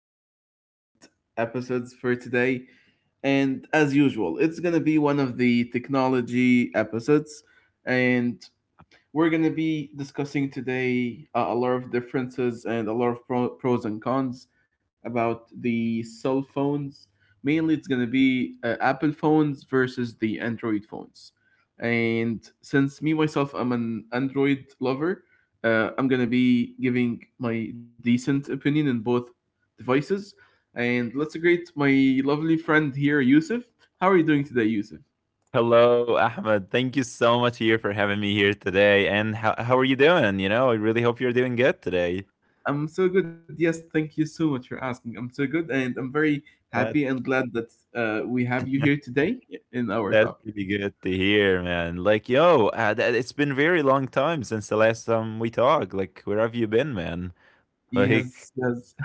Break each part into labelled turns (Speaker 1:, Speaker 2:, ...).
Speaker 1: of our best episodes for today. And as usual, it's going to be one of the technology episodes. And we're going to be discussing today a lot of differences and a lot of pros and cons about the cell phones. Mainly, it's going to be Apple phones versus the Android phones. And since me myself, I'm an Android lover, I'm going to be giving my decent opinion in both devices. And let's greet my lovely friend here, Yusuf. How are you doing today, Yusuf?
Speaker 2: Hello, Ahmed. Thank you so much here for having me here today. And how are you doing? You know, I really hope you're doing good today.
Speaker 1: I'm so good. Yes, thank you so much for asking. I'm so good, and I'm very
Speaker 2: That,
Speaker 1: happy and glad that we have you here today in our
Speaker 2: that's
Speaker 1: topic.
Speaker 2: pretty good to hear, man. Like, yo, it's been very long time since the last time we talked. Like, where have you been, man? Like,
Speaker 1: Yes, yes.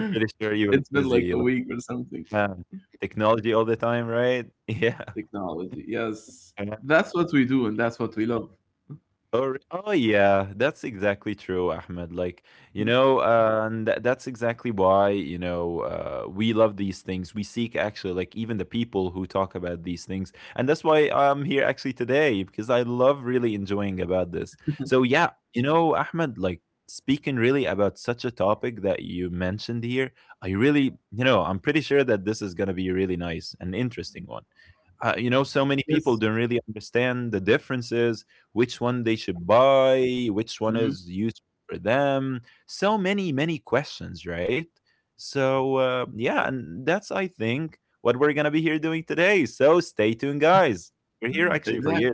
Speaker 2: pretty sure you were
Speaker 1: It's been
Speaker 2: busy.
Speaker 1: like
Speaker 2: Like,
Speaker 1: a week or something.
Speaker 2: uh, technology all the time, right? Yeah.
Speaker 1: Technology. Yes,
Speaker 2: I know.
Speaker 1: that's what we do, and that's what we love.
Speaker 2: Or oh yeah, that's exactly true, Ahmed. Like you
Speaker 1: Mm-hmm.
Speaker 2: know, and that's exactly why we love these things. We seek actually like even the people who talk about these things, and that's why I'm here actually today because I love really enjoying about this. So yeah, you know, Ahmed, like speaking really about such a topic that you mentioned here, I really I'm pretty sure that this is gonna be a really nice and interesting one. You know, so many
Speaker 1: Yes.
Speaker 2: people don't really understand the differences, which one they should buy, which one
Speaker 1: Hmm.
Speaker 2: is used for them. So many questions, right? So yeah, and that's I think what we're gonna be here doing today. So stay tuned, guys. We're here actually for
Speaker 1: Exactly.
Speaker 2: you.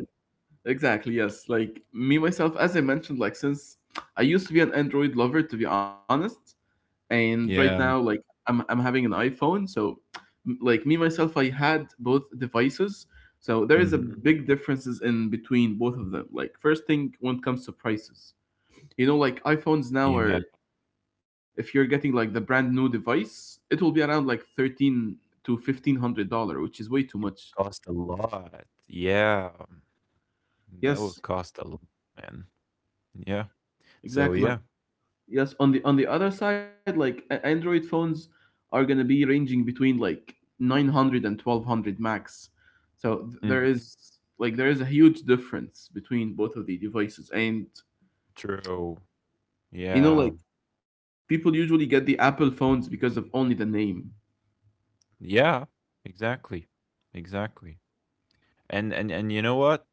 Speaker 1: Exactly. Yes. Like me myself, as I mentioned, like since I used to be an Android lover, to be honest, and right now,
Speaker 2: Yeah.
Speaker 1: like I'm having an iPhone, so like me myself, I had both devices, so there is a
Speaker 2: Hmm.
Speaker 1: big differences in between both of them. Like first thing when it comes to prices, you know, like iPhones now
Speaker 2: Yeah,
Speaker 1: are,
Speaker 2: it
Speaker 1: if you're getting like the brand new device, it will be around like thirteen to fifteen hundred dollar, which is way too
Speaker 2: would
Speaker 1: much.
Speaker 2: cost a lot. Yeah, that would
Speaker 1: Yes.
Speaker 2: cost a lot, man. Yeah. So
Speaker 1: Exactly, but
Speaker 2: yeah.
Speaker 1: yes, on the other side, like Android phones are gonna be ranging between like 900 and 1200 max. So
Speaker 2: Mhm.
Speaker 1: there is a huge difference between both of the devices, and
Speaker 2: True.
Speaker 1: you know
Speaker 2: Yeah.
Speaker 1: like people usually get the Apple phones because of only the name.
Speaker 2: Yeah, exactly. Exactly. And you know what?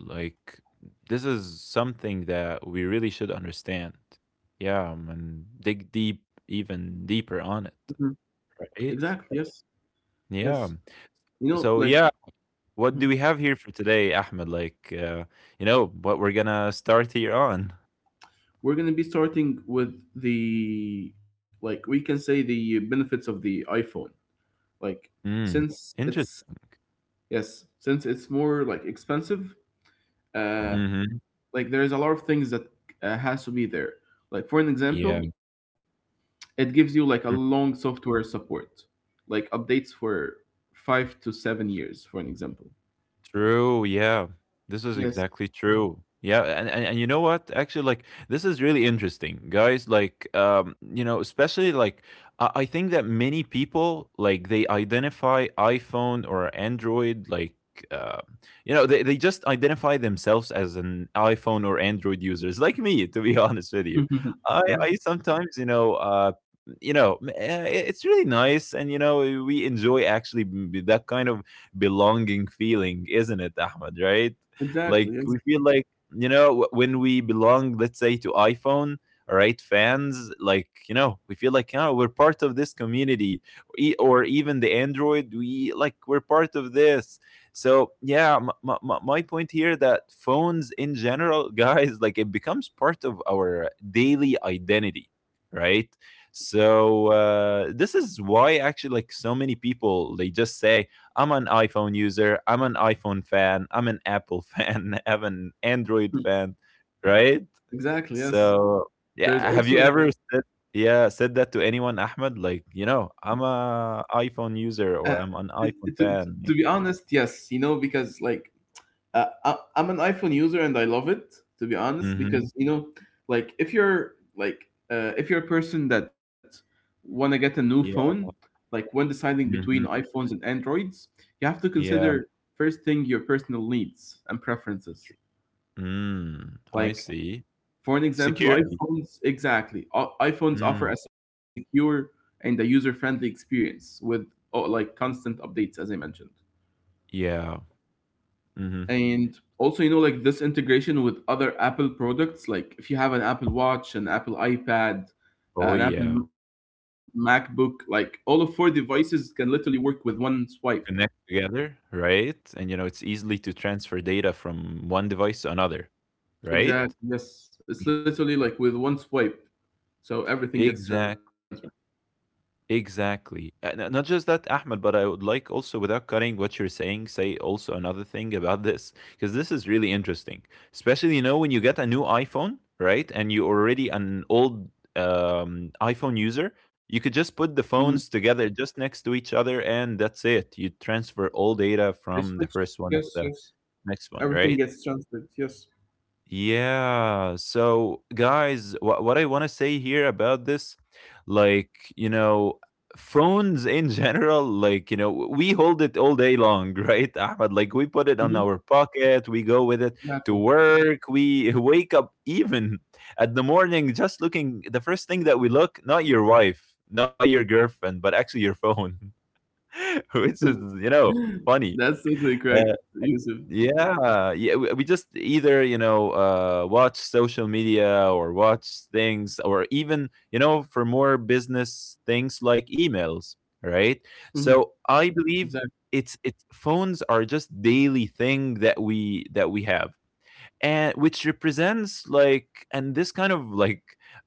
Speaker 2: Like this is something that we really should understand. Yeah, and dig deep even deeper
Speaker 1: Mhm.
Speaker 2: on it,
Speaker 1: Exactly.
Speaker 2: right?
Speaker 1: Yes. Yes.
Speaker 2: Yeah.
Speaker 1: You know,
Speaker 2: So
Speaker 1: like
Speaker 2: yeah, what
Speaker 1: hmm,
Speaker 2: do we have here for today, Ahmed? Like you know, what we're going to start here on.
Speaker 1: we're gonna be starting with the, like, we can say the benefits of the iPhone. Like
Speaker 2: Mm.
Speaker 1: since it's,
Speaker 2: Interesting.
Speaker 1: yes, since it's more like expensive, uh,
Speaker 2: Mhm.
Speaker 1: like there is a lot of things that has to be there. Like for an
Speaker 2: Yeah.
Speaker 1: example, it gives you like a long software support, like updates for 5 to 7 years. For an example.
Speaker 2: True, yeah. This is exactly
Speaker 1: Yes.
Speaker 2: true. Yeah, and you know what? Actually, like this is really interesting, guys. Like, you know, especially like I think that many people like they identify iPhone or Android, like uh, you know, they just identify themselves as an iPhone or Android users, like me, to be honest with you. I
Speaker 1: Mhm.
Speaker 2: sometimes, you know, it's really nice and you know we enjoy actually that kind of belonging feeling, isn't it, Ahmed? Right? Like
Speaker 1: Exactly. Yes.
Speaker 2: we feel like you know when we belong, let's say to iPhone, all right, fans. Like you know, we feel like you know we're part of this community. Or even the Android. We like we're part of this. So yeah, my point here that phones in general, guys, like it becomes part of our daily identity, right? So this is why actually like so many people they just say I'm an iPhone user. I'm an iPhone fan. I'm an Apple fan. I'm an Android fan, right?
Speaker 1: Exactly. Yes.
Speaker 2: So
Speaker 1: There's
Speaker 2: yeah, have you
Speaker 1: also
Speaker 2: ever said that to anyone, Ahmed? Like you know, I'm a iPhone user
Speaker 1: Uh,
Speaker 2: or I'm an iPhone
Speaker 1: to,
Speaker 2: fan.
Speaker 1: to be
Speaker 2: Yeah.
Speaker 1: honest, yes, you know, because like I'm an iPhone user and I love it, to be honest,
Speaker 2: Mm-hmm.
Speaker 1: because you know, like if you're like, if you're a person that want to get a new phone,
Speaker 2: Yeah.
Speaker 1: like when deciding between
Speaker 2: Mm-hmm.
Speaker 1: iPhones and Androids, you have to
Speaker 2: Yeah.
Speaker 1: consider first thing your personal needs and preferences.
Speaker 2: Tr- Mm, I
Speaker 1: Like
Speaker 2: see.
Speaker 1: for an example,
Speaker 2: Security.
Speaker 1: iPhones, exactly. iPhones offer
Speaker 2: Mm,
Speaker 1: a secure and a user-friendly experience with, oh, like, constant updates, as I mentioned.
Speaker 2: yeah. Mm-hmm.
Speaker 1: And also, you know, like this integration with other Apple products, like if you have an Apple Watch, an Apple iPad,
Speaker 2: Oh
Speaker 1: an Apple
Speaker 2: yeah.
Speaker 1: MacBook, like all of four devices can literally work with one swipe.
Speaker 2: Connect together, right? And you know, it's easily to transfer data from one device to another, right?
Speaker 1: Exactly, yes, it's literally like with one swipe, so everything gets transferred.
Speaker 2: Exact, exactly. And not just that, Ahmed, but I would like also, without cutting what you're saying, say also another thing about this because this is really interesting. Especially, you know, when you get a new iPhone, right, and you're already an old iPhone user. You could just
Speaker 1: Mhm.
Speaker 2: put the phones together just next to each other, and that's it. You transfer all data
Speaker 1: They
Speaker 2: from the
Speaker 1: switch,
Speaker 2: first one
Speaker 1: yes,
Speaker 2: to the
Speaker 1: yes,
Speaker 2: next one,
Speaker 1: everything
Speaker 2: right?
Speaker 1: gets transferred. Yes.
Speaker 2: Yeah. So, guys, what I want to say here about this, like, you know, phones in general, like, you know, we hold it all day long, right, Ahmed? Like, we put it on
Speaker 1: Mhm.
Speaker 2: our pocket, we go with it to
Speaker 1: Exactly.
Speaker 2: work, we wake up even at the morning just looking, the first thing that we look, not your wife, not your girlfriend, but actually your phone, which is, you know,
Speaker 1: Hmm.
Speaker 2: funny.
Speaker 1: That's totally correct,
Speaker 2: Uh,
Speaker 1: Yusuf.
Speaker 2: yeah, yeah. We just either you know watch social media or watch things, or even you know for more business things like emails, right?
Speaker 1: Mhm.
Speaker 2: So I believe
Speaker 1: Exactly,
Speaker 2: it's phones are just daily thing that we have, and which represents like, and this kind of like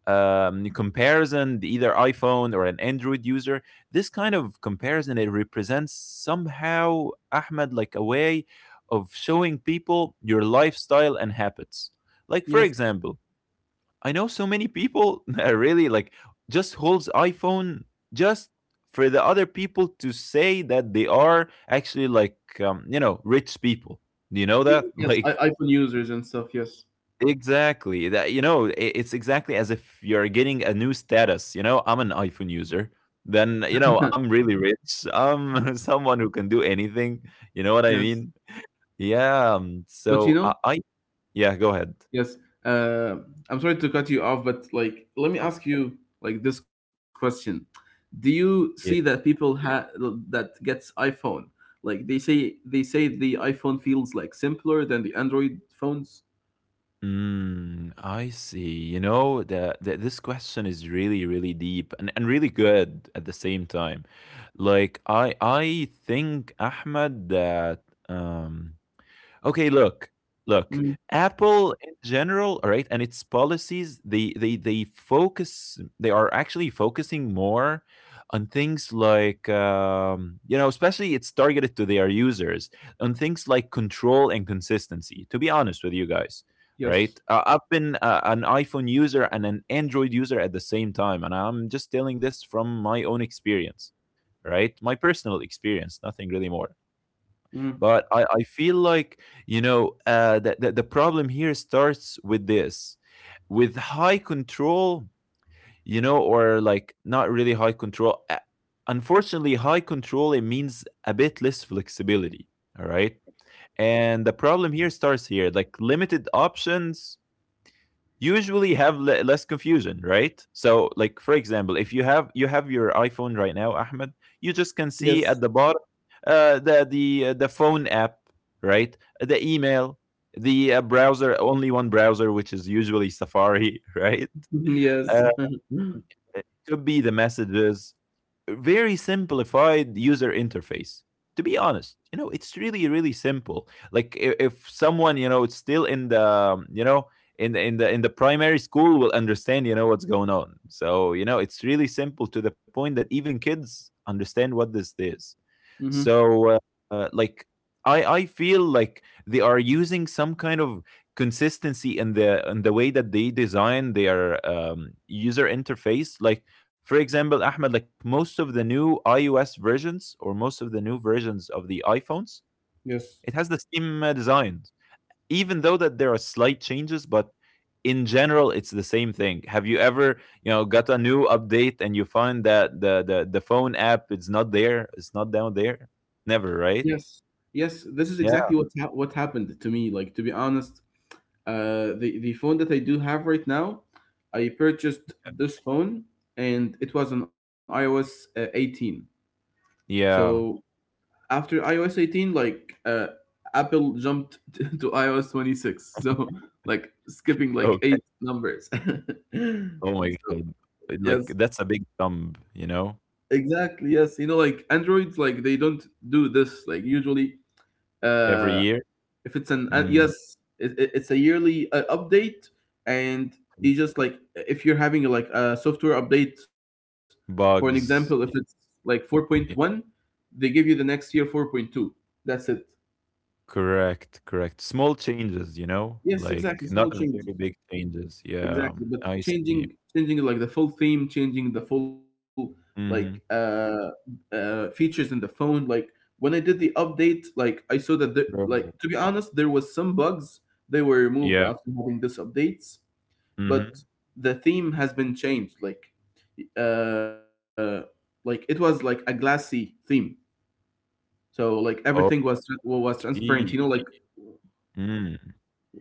Speaker 2: comparison, either iPhone or an Android user. This kind of comparison, it represents somehow, Ahmed, like a way of showing people your lifestyle and habits. Like for
Speaker 1: yes.
Speaker 2: example, I know so many people that really like just holds iPhone just for the other people to say that they are actually like, you know, rich people. Do you know that?
Speaker 1: Yes,
Speaker 2: Like,
Speaker 1: iPhone users and stuff, yes.
Speaker 2: exactly. That you know, it's exactly as if you're getting a new status. You know, I'm an iPhone user. Then you know, I'm really rich. I'm someone who can do anything. You know what I
Speaker 1: Yes,
Speaker 2: mean? Yeah.
Speaker 1: but you
Speaker 2: So
Speaker 1: know,
Speaker 2: I Yeah. Go ahead.
Speaker 1: yes. Uh, I'm sorry to cut you off, but like, let me
Speaker 2: Okay.
Speaker 1: ask you like this question: Do you see that
Speaker 2: Yeah.
Speaker 1: people that gets iPhone, like they say the iPhone feels like simpler than the Android phones?
Speaker 2: Mm, I see. You know, the this question is really, really deep and really good at the same time. Like I think, Ahmed, that um okay, look, look.
Speaker 1: Mm,
Speaker 2: Apple in general, all right, and its policies, they are actually focusing more on things like you know, especially it's targeted to their users, on things like control and consistency. To be honest with you guys, right?
Speaker 1: yes.
Speaker 2: I've been an iPhone user and an Android user at the same time, and I'm just telling this from my own experience, right? My personal experience, nothing really more,
Speaker 1: Mm,
Speaker 2: but I feel like, you know, the problem here starts with high control, you know, or like not really high control. Unfortunately, high control, it means a bit less flexibility. All right. And the problem here starts here like limited options usually have less confusion, right? So like, for example, if you have you have your iPhone right now, Ahmed, you just can
Speaker 1: yes.
Speaker 2: see at the bottom, the phone app, right, the email, the browser, only one browser, which is usually Safari, right. Uh,
Speaker 1: Yes.
Speaker 2: um, it could be the messages, very simplified user interface. To be honest, you know, it's really, really simple. Like, if someone, you know, it's still in the primary school, will understand, you know, what's going on. So you know, it's really simple to the point that even kids understand what this is.
Speaker 1: Hmm.
Speaker 2: So, like, I feel like they are using some kind of consistency in the way that they design their user interface. Like, for example, Ahmed, like most of the new iOS versions or most of the new versions of the iPhones,
Speaker 1: Yes.
Speaker 2: it has the same design, even though that there are slight changes, but in general it's the same thing. Have you ever, you know, got a new update and you find that the phone app is not there, it's not down there? Never, right?
Speaker 1: Yes. Yes. This is exactly
Speaker 2: Yeah.
Speaker 1: what what happened to me. Like, to be honest, the phone that I do have right now, I purchased this phone and it was on iOS 18. So
Speaker 2: Yeah.
Speaker 1: after iOS 18, like Apple jumped to iOS 26. So, like, skipping like
Speaker 2: Okay.
Speaker 1: eight numbers.
Speaker 2: Oh my
Speaker 1: So,
Speaker 2: god. Like
Speaker 1: yes,
Speaker 2: that's a big dump, you know,
Speaker 1: exactly. Yes, you know, like Androids, like they don't do this. Like usually,
Speaker 2: every
Speaker 1: uh
Speaker 2: year.
Speaker 1: if it's an
Speaker 2: Mm.
Speaker 1: yes, it's a yearly update, and you just, like, if you're having like a software update, for an example, if it's
Speaker 2: Bugs.
Speaker 1: like 4.1,
Speaker 2: Yeah.
Speaker 1: they give you the next year 4.2, that's it.
Speaker 2: Correct, correct. Small changes, you know,
Speaker 1: Yes,
Speaker 2: like
Speaker 1: exactly, small
Speaker 2: not a
Speaker 1: changes.
Speaker 2: very big changes. Yeah,
Speaker 1: Exactly, but
Speaker 2: I see.
Speaker 1: changing like the full theme, changing the full, like,
Speaker 2: Mm-hmm.
Speaker 1: features in the phone, like, when I did the update, like, I saw that there, like, to be honest, there was some bugs. They were removed
Speaker 2: Yeah.
Speaker 1: after having this updates, but
Speaker 2: Mm-hmm.
Speaker 1: the theme has been changed. Like, uh like it was like a glassy theme, so like everything was transparent, you
Speaker 2: E
Speaker 1: know, like
Speaker 2: mm,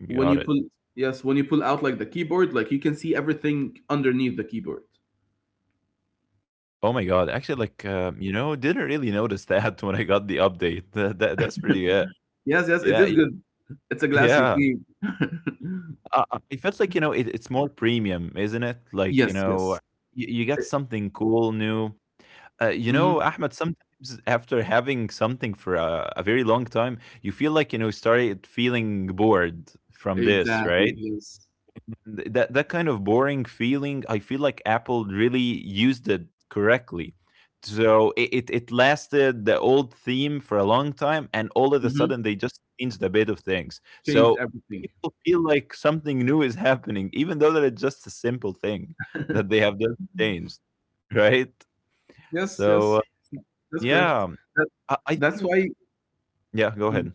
Speaker 1: when you
Speaker 2: got it.
Speaker 1: pull yes, when you pull out like the keyboard, like you can see everything underneath the keyboard.
Speaker 2: Oh my god, actually, like, you know, didn't really notice that when I got the update. That's pretty good.
Speaker 1: Yes, yes, it
Speaker 2: Yeah,
Speaker 1: is good. It's a glassy
Speaker 2: yeah.
Speaker 1: theme.
Speaker 2: It felt like, you know, it's more premium, isn't it? Like, you
Speaker 1: Yes,
Speaker 2: know,
Speaker 1: yes.
Speaker 2: you got something cool, new.
Speaker 1: Mm-hmm.
Speaker 2: You know, Ahmed, sometimes after having something for a very long time, you feel like, you know, started feeling bored from this, right?
Speaker 1: Exactly, yes.
Speaker 2: That that kind of boring feeling, I feel like Apple really used it correctly. So it lasted the old theme for a long time, and all of a
Speaker 1: Mm-hmm.
Speaker 2: sudden they just changed a bit of things,
Speaker 1: Changed
Speaker 2: so
Speaker 1: everything.
Speaker 2: people feel like something new is happening, even though that it's just a simple thing that they have just changed, right?
Speaker 1: Yes, yes,
Speaker 2: So
Speaker 1: that's correct.
Speaker 2: yeah.
Speaker 1: that,
Speaker 2: I
Speaker 1: that's why.
Speaker 2: think, yeah, go ahead.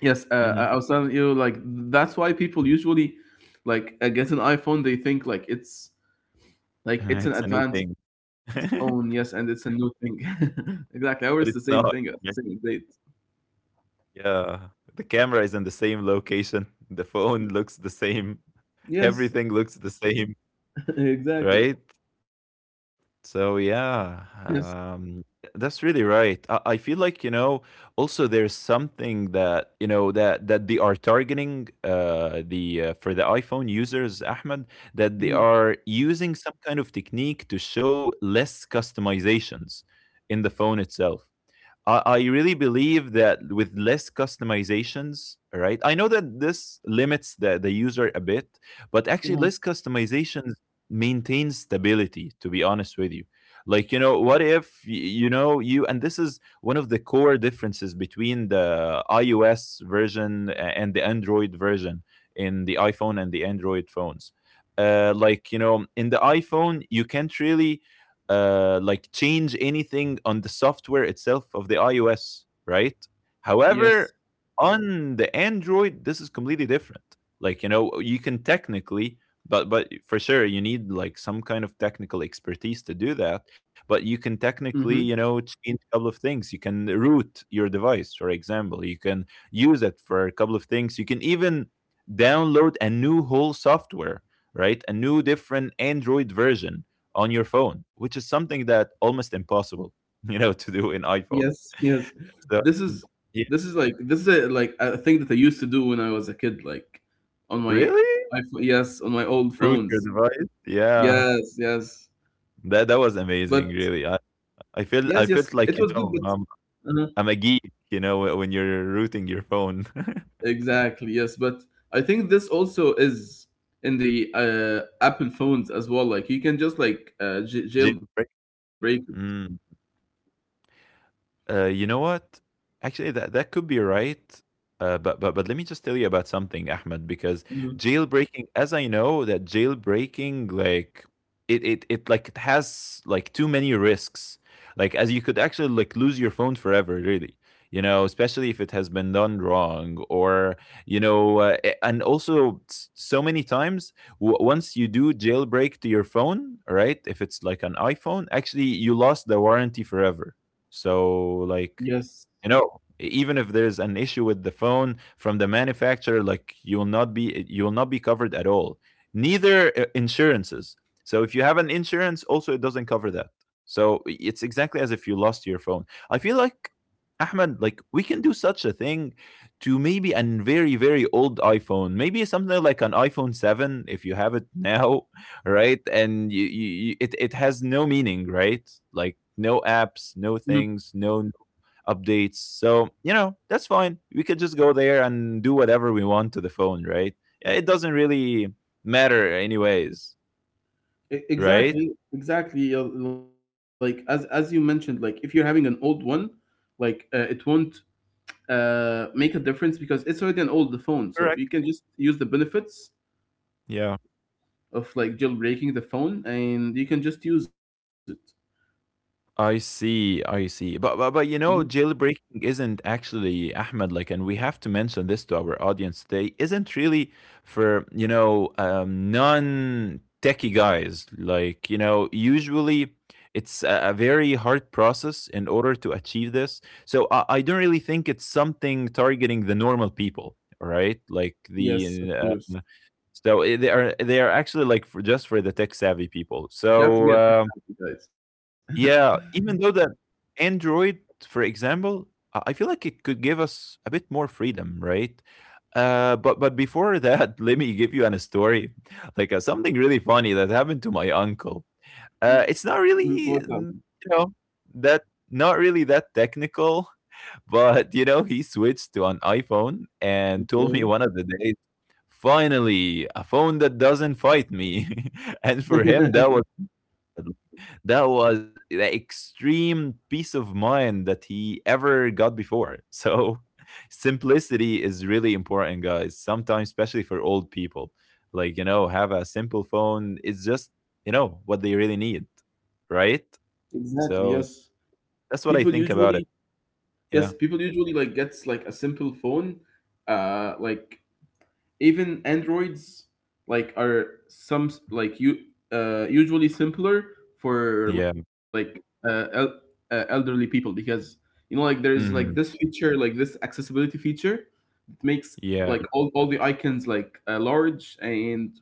Speaker 1: Yes, I
Speaker 2: Hmm.
Speaker 1: I was telling you, like, that's why people usually, like, get an iPhone. They think like it's an
Speaker 2: It's a new
Speaker 1: advanced
Speaker 2: thing.
Speaker 1: phone, yes, and it's a new thing. Exactly, ours is the same
Speaker 2: But it's
Speaker 1: thing,
Speaker 2: not.
Speaker 1: the same date.
Speaker 2: Yeah, the camera is in the same location, the phone looks the same,
Speaker 1: Yes,
Speaker 2: everything looks the same,
Speaker 1: exactly.
Speaker 2: right? So
Speaker 1: Yes.
Speaker 2: yeah, that's really right. I feel like you know, also there's something that you know that they are targeting the for the iPhone users, Ahmed, that they
Speaker 1: Mhm.
Speaker 2: are using some kind of technique to show less customizations in the phone itself. I really believe that with less customizations, right? I know that this limits the user a bit, but actually
Speaker 1: Uh-huh.
Speaker 2: less customizations maintains stability, to be honest with you. Like, you know, what if, y- you know, you, and this is one of the core differences between the iOS version and the Android version in the iPhone and the Android phones. In the iPhone, you can't really like change anything on the software itself of the iOS, right?
Speaker 1: Yes.
Speaker 2: However, on the Android, this is completely different. You can technically, but for sure, you need like some kind of technical expertise to do that. But you can
Speaker 1: Mm-hmm.
Speaker 2: technically, you know, change a couple of things. You can root your device, for example. You can use it for a couple of things. You can even download a new whole software, right? A new different Android version on your phone, which is something that almost impossible, you know, to do in iPhone.
Speaker 1: Yes. Yes. This
Speaker 2: So
Speaker 1: is
Speaker 2: yeah,
Speaker 1: this is a, like, a thing that I used to do when I was a kid, like, on my
Speaker 2: really?
Speaker 1: iPhone. Yes, on my old
Speaker 2: Root your
Speaker 1: phones.
Speaker 2: device? Yeah.
Speaker 1: Yes. Yes.
Speaker 2: That
Speaker 1: But
Speaker 2: was amazing, really. I,
Speaker 1: yes, yes,
Speaker 2: I
Speaker 1: it
Speaker 2: feel
Speaker 1: was
Speaker 2: I felt
Speaker 1: good.
Speaker 2: like,
Speaker 1: Uh-huh.
Speaker 2: I'm a geek, you know, when you're rooting your phone.
Speaker 1: Exactly, yes. But I think this also is in the Apple phones as well. Like, you can just like jailbreak
Speaker 2: Jailbreak.
Speaker 1: it.
Speaker 2: Mm. You know what? Actually, that could be right. But let me just tell you about something, Ahmed, because
Speaker 1: Mhm.
Speaker 2: jailbreaking, as I know, that jailbreaking like it has like too many risks. Like as you could actually like lose your phone forever, really. You know, especially if it has been done wrong, or you know, and also so many times once you do jailbreak to your phone, right? If it's like an iPhone, actually you lost the warranty forever so
Speaker 1: Yes.
Speaker 2: like you know, even if there's an issue with the phone from the manufacturer, like you will not be you will not be covered at all. Neither insurances. So if you have an insurance, also it doesn't cover that. So it's exactly as if you lost your phone. I feel like Ahmed, like we can do such a thing to maybe a very old iPhone, maybe something like an iPhone seven if you have it now, right? And you it it has no meaning, right? Like no apps,
Speaker 1: Hmm.
Speaker 2: no things, no updates. So, you know, that's fine. We could just go there and do whatever we want to the phone, right? Yeah, it doesn't really matter, anyways, right?
Speaker 1: Exactly, exactly. Yeah, like as you mentioned, like if you're having an old one, like it won't make a difference because it's already an old phone. So you
Speaker 2: Correct.
Speaker 1: can just use the benefits
Speaker 2: Yeah.
Speaker 1: of, like, jailbreaking the phone, and you can just use it.
Speaker 2: I see, I see. But you
Speaker 1: Mhm.
Speaker 2: know, jailbreaking isn't actually Ahmed like, and we have to mention this to our audience today. Isn't really for non techie guys. Like you know, usually it's a very hard process in order to achieve this. So I don't really think it's something targeting the normal people, right? Like
Speaker 1: Yes, of
Speaker 2: the
Speaker 1: course.
Speaker 2: uh, they are actually like for just for the tech savvy people.
Speaker 1: You have to be
Speaker 2: So.
Speaker 1: a tech savvy, guys.
Speaker 2: Yeah, even though that Android, for example, I feel like it could give us a bit more freedom, right? But before that, let me give you an story, like something really funny that happened to my uncle.
Speaker 1: Mm.
Speaker 2: It's
Speaker 1: What?
Speaker 2: not really, you know, that not really that technical, but you know, he switched to an iPhone and told me
Speaker 1: Okay.
Speaker 2: one of the days, finally, a phone that doesn't fight me, and for him that that was the extreme peace of mind that he ever got before. So simplicity is really important, guys. Sometimes, especially for old people, like you know, have a simple phone. It's just you know what they really need, right?
Speaker 1: Exactly. Yes.
Speaker 2: So
Speaker 1: People
Speaker 2: that's what I think
Speaker 1: usually
Speaker 2: about it.
Speaker 1: Yes,
Speaker 2: Yeah,
Speaker 1: people usually like gets like a simple phone. Like, even Androids, like, are some like, you usually simpler for,
Speaker 2: yeah,
Speaker 1: like, uh, el- elderly people, because, you know, like, there is like this
Speaker 2: hmm
Speaker 1: feature, like this accessibility feature, it makes,
Speaker 2: yeah.
Speaker 1: like, all the icons, like, large, and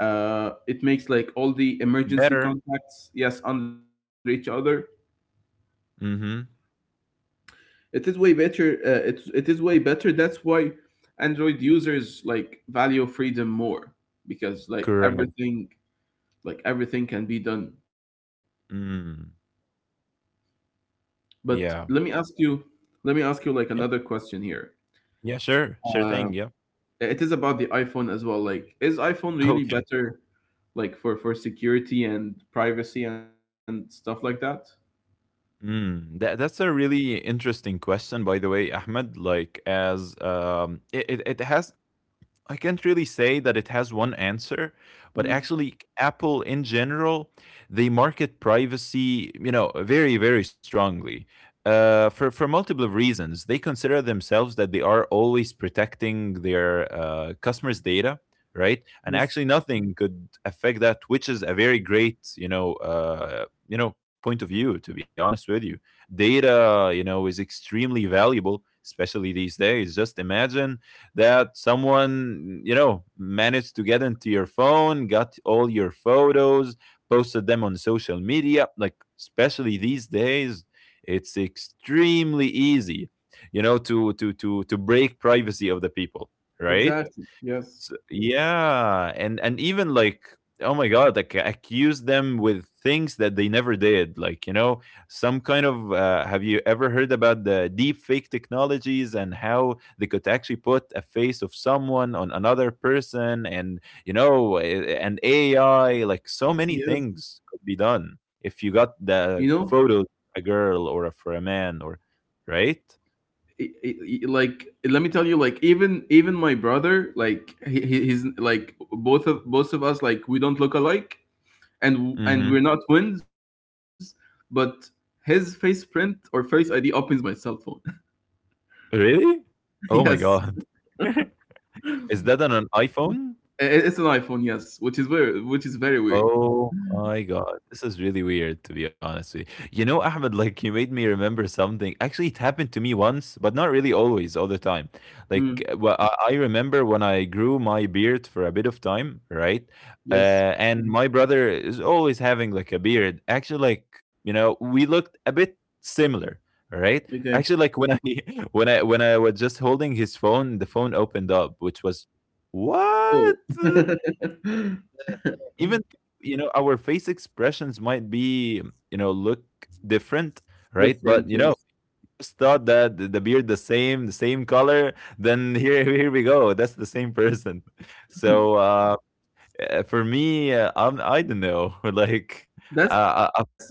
Speaker 1: it makes, like, all the emergency
Speaker 2: Better.
Speaker 1: contacts, yes, under each other.
Speaker 2: Hmm.
Speaker 1: It is way better. It is way better. That's why Android users like value freedom more, because, like,
Speaker 2: Correct.
Speaker 1: everything can be done.
Speaker 2: Mm.
Speaker 1: But
Speaker 2: Yeah.
Speaker 1: let me ask you like
Speaker 2: Yeah.
Speaker 1: another question here.
Speaker 2: Yeah. Sure. Sure
Speaker 1: Uh,
Speaker 2: thing. Yeah.
Speaker 1: it is about the iPhone as well. Like, is iPhone really
Speaker 2: Okay.
Speaker 1: better, like, for security and privacy and stuff like that?
Speaker 2: Mm, that's a really interesting question, by the way, Ahmed. Like, as it has I can't really say that it has one answer, but
Speaker 1: Mhm.
Speaker 2: actually, Apple in general, they market privacy, you know, very strongly. For multiple reasons, they consider themselves that they are always protecting their customers' data, right? And
Speaker 1: Yes,
Speaker 2: actually, nothing could affect that, which is a very great, point of view. To be honest with you, data, you know, is extremely valuable, especially these days. Just imagine that someone you know managed to get into your phone, got all your photos, posted them on social media, like especially these days it's extremely easy, you know, to break privacy of the people, right?
Speaker 1: exactly, yes,
Speaker 2: S yeah, and even like, oh my god, like accuse them with things that they never did. Like, you know, some kind of have you ever heard about the deep fake technologies and how they could actually put a face of someone on another person, and you know, and AI, like so many
Speaker 1: yes.
Speaker 2: things could be done if
Speaker 1: You
Speaker 2: you got
Speaker 1: know,
Speaker 2: the photo of a girl or for a man or right?
Speaker 1: i- i- like, let me tell you, like, even my brother, like, he's, like, both of us, like, we don't look alike, and
Speaker 2: Mhm.
Speaker 1: we're not twins, but his face print or face ID opens my cell phone.
Speaker 2: Really? Oh my
Speaker 1: Yes,
Speaker 2: god. Is that on an iPhone?
Speaker 1: it's an iPhone. Yes, which is very weird.
Speaker 2: Oh my god, this is really weird to be honest with you. You know, Ahmed, like you made me remember something. Actually, it happened to me once, but not really always, all the time. Like,
Speaker 1: Mm,
Speaker 2: well, I remember when I grew my beard for a bit of time, right?
Speaker 1: yes.
Speaker 2: And my brother is always having like a beard. Actually, like you know, we looked a bit similar, right?
Speaker 1: Okay.
Speaker 2: Actually, like when I when I was just holding his phone, the phone opened up, which was what?
Speaker 1: Oh.
Speaker 2: Even you know our face expressions might be you know look different,
Speaker 1: Different.
Speaker 2: right?
Speaker 1: Yes.
Speaker 2: But you know, just thought that the beard, the same, the same color, then here we go, that's the same person.
Speaker 1: Mm.
Speaker 2: So for me I don't know, like
Speaker 1: That's too
Speaker 2: uh, uh, uh,
Speaker 1: scary.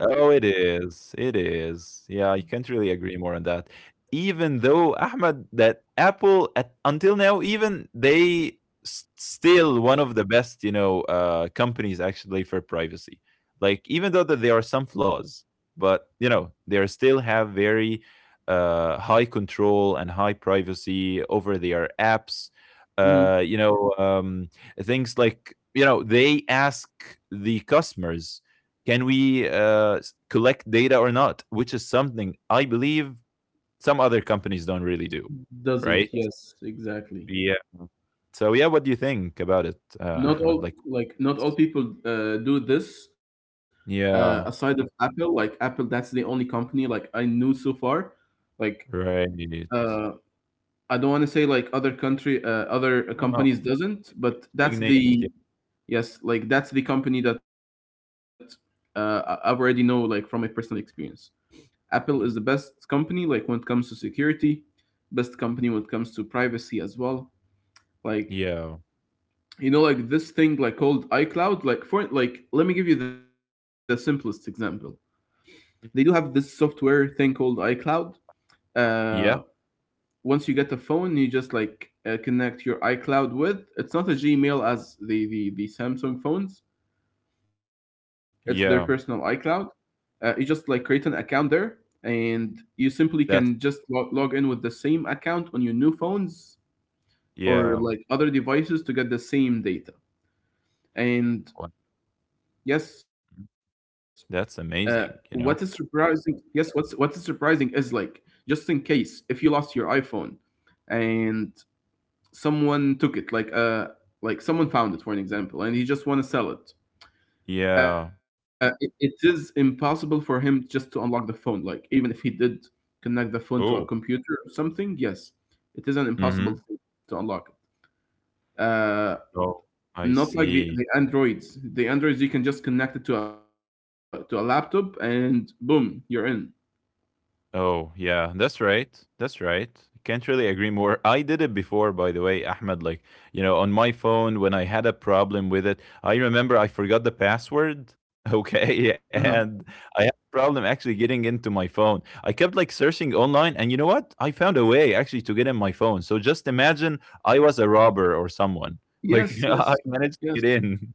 Speaker 2: oh, it is. It is. Yeah, I can't really agree more on that. Even though Ahmed, that Apple at, until now, even they still one of the best, you know, companies actually for privacy. Like even though that there are some flaws, but you know, they are still have very high control and high privacy over their apps.
Speaker 1: Mhm.
Speaker 2: Uh, you know, um, things like you know they ask the customers, can we collect data or not? Which is something I believe some other companies don't really do,
Speaker 1: Doesn't.
Speaker 2: right?
Speaker 1: Yes, exactly.
Speaker 2: Yeah. So yeah, what do you think about it, Ahmed? Like,
Speaker 1: Not all people do this. Aside of
Speaker 2: yeah,
Speaker 1: Apple, like Apple, that's the only company like I knew so far. Like,
Speaker 2: right.
Speaker 1: uh, I don't want to say like other
Speaker 2: I don't know.
Speaker 1: companies doesn't, but that's
Speaker 2: Mentioning names,
Speaker 1: the
Speaker 2: yeah.
Speaker 1: yes, like, that's the company that I've already know, like, from my personal experience. Apple is the best company like when it comes to security, best company when it comes to privacy as well. Like,
Speaker 2: Yeah. Yeah.
Speaker 1: you know, like this thing like called iCloud. Like, for like, let me give you the simplest example. They do have
Speaker 2: Mhm.
Speaker 1: this software thing called iCloud. uh,
Speaker 2: Yeah.
Speaker 1: Once you get a phone, you just like connect your iCloud with. It's not a Gmail as the Samsung phones. It's their personal iCloud.
Speaker 2: Yeah.
Speaker 1: You just like create an account there, and you simply can
Speaker 2: That's
Speaker 1: just log in with the same account on your new phones or,
Speaker 2: yeah.
Speaker 1: like, other devices to get the same data. And
Speaker 2: What?
Speaker 1: yes, what
Speaker 2: That's
Speaker 1: is
Speaker 2: amazing, you
Speaker 1: surprising?
Speaker 2: know?
Speaker 1: Yes, what is surprising is, like, just in case if you lost your iPhone, and someone took it, like someone found it, for an example, and he just want to sell it. It
Speaker 2: Yeah.
Speaker 1: it is impossible for him just to unlock the phone, like even if he did connect the phone to a
Speaker 2: Oh.
Speaker 1: computer or something. Yes, it is an impossible
Speaker 2: Mm-hmm.
Speaker 1: thing to unlock it,
Speaker 2: Oh, I
Speaker 1: not like
Speaker 2: see.
Speaker 1: the Androids. You can just connect it to to a laptop, and boom, you're in.
Speaker 2: Oh, yeah, that's right. That's right. Can't really agree more. I did it before, by the way, Ahmed. Like, you know, on my phone, when I had a problem with it, I remember I forgot the password.
Speaker 1: Uh-huh.
Speaker 2: Okay. And I had a problem actually getting into my phone. I kept like searching online. And you know what? I found a way actually to get in my phone. So just imagine I was a robber or someone. Like,
Speaker 1: Yes,
Speaker 2: I
Speaker 1: yes,
Speaker 2: managed to
Speaker 1: yes.
Speaker 2: get in.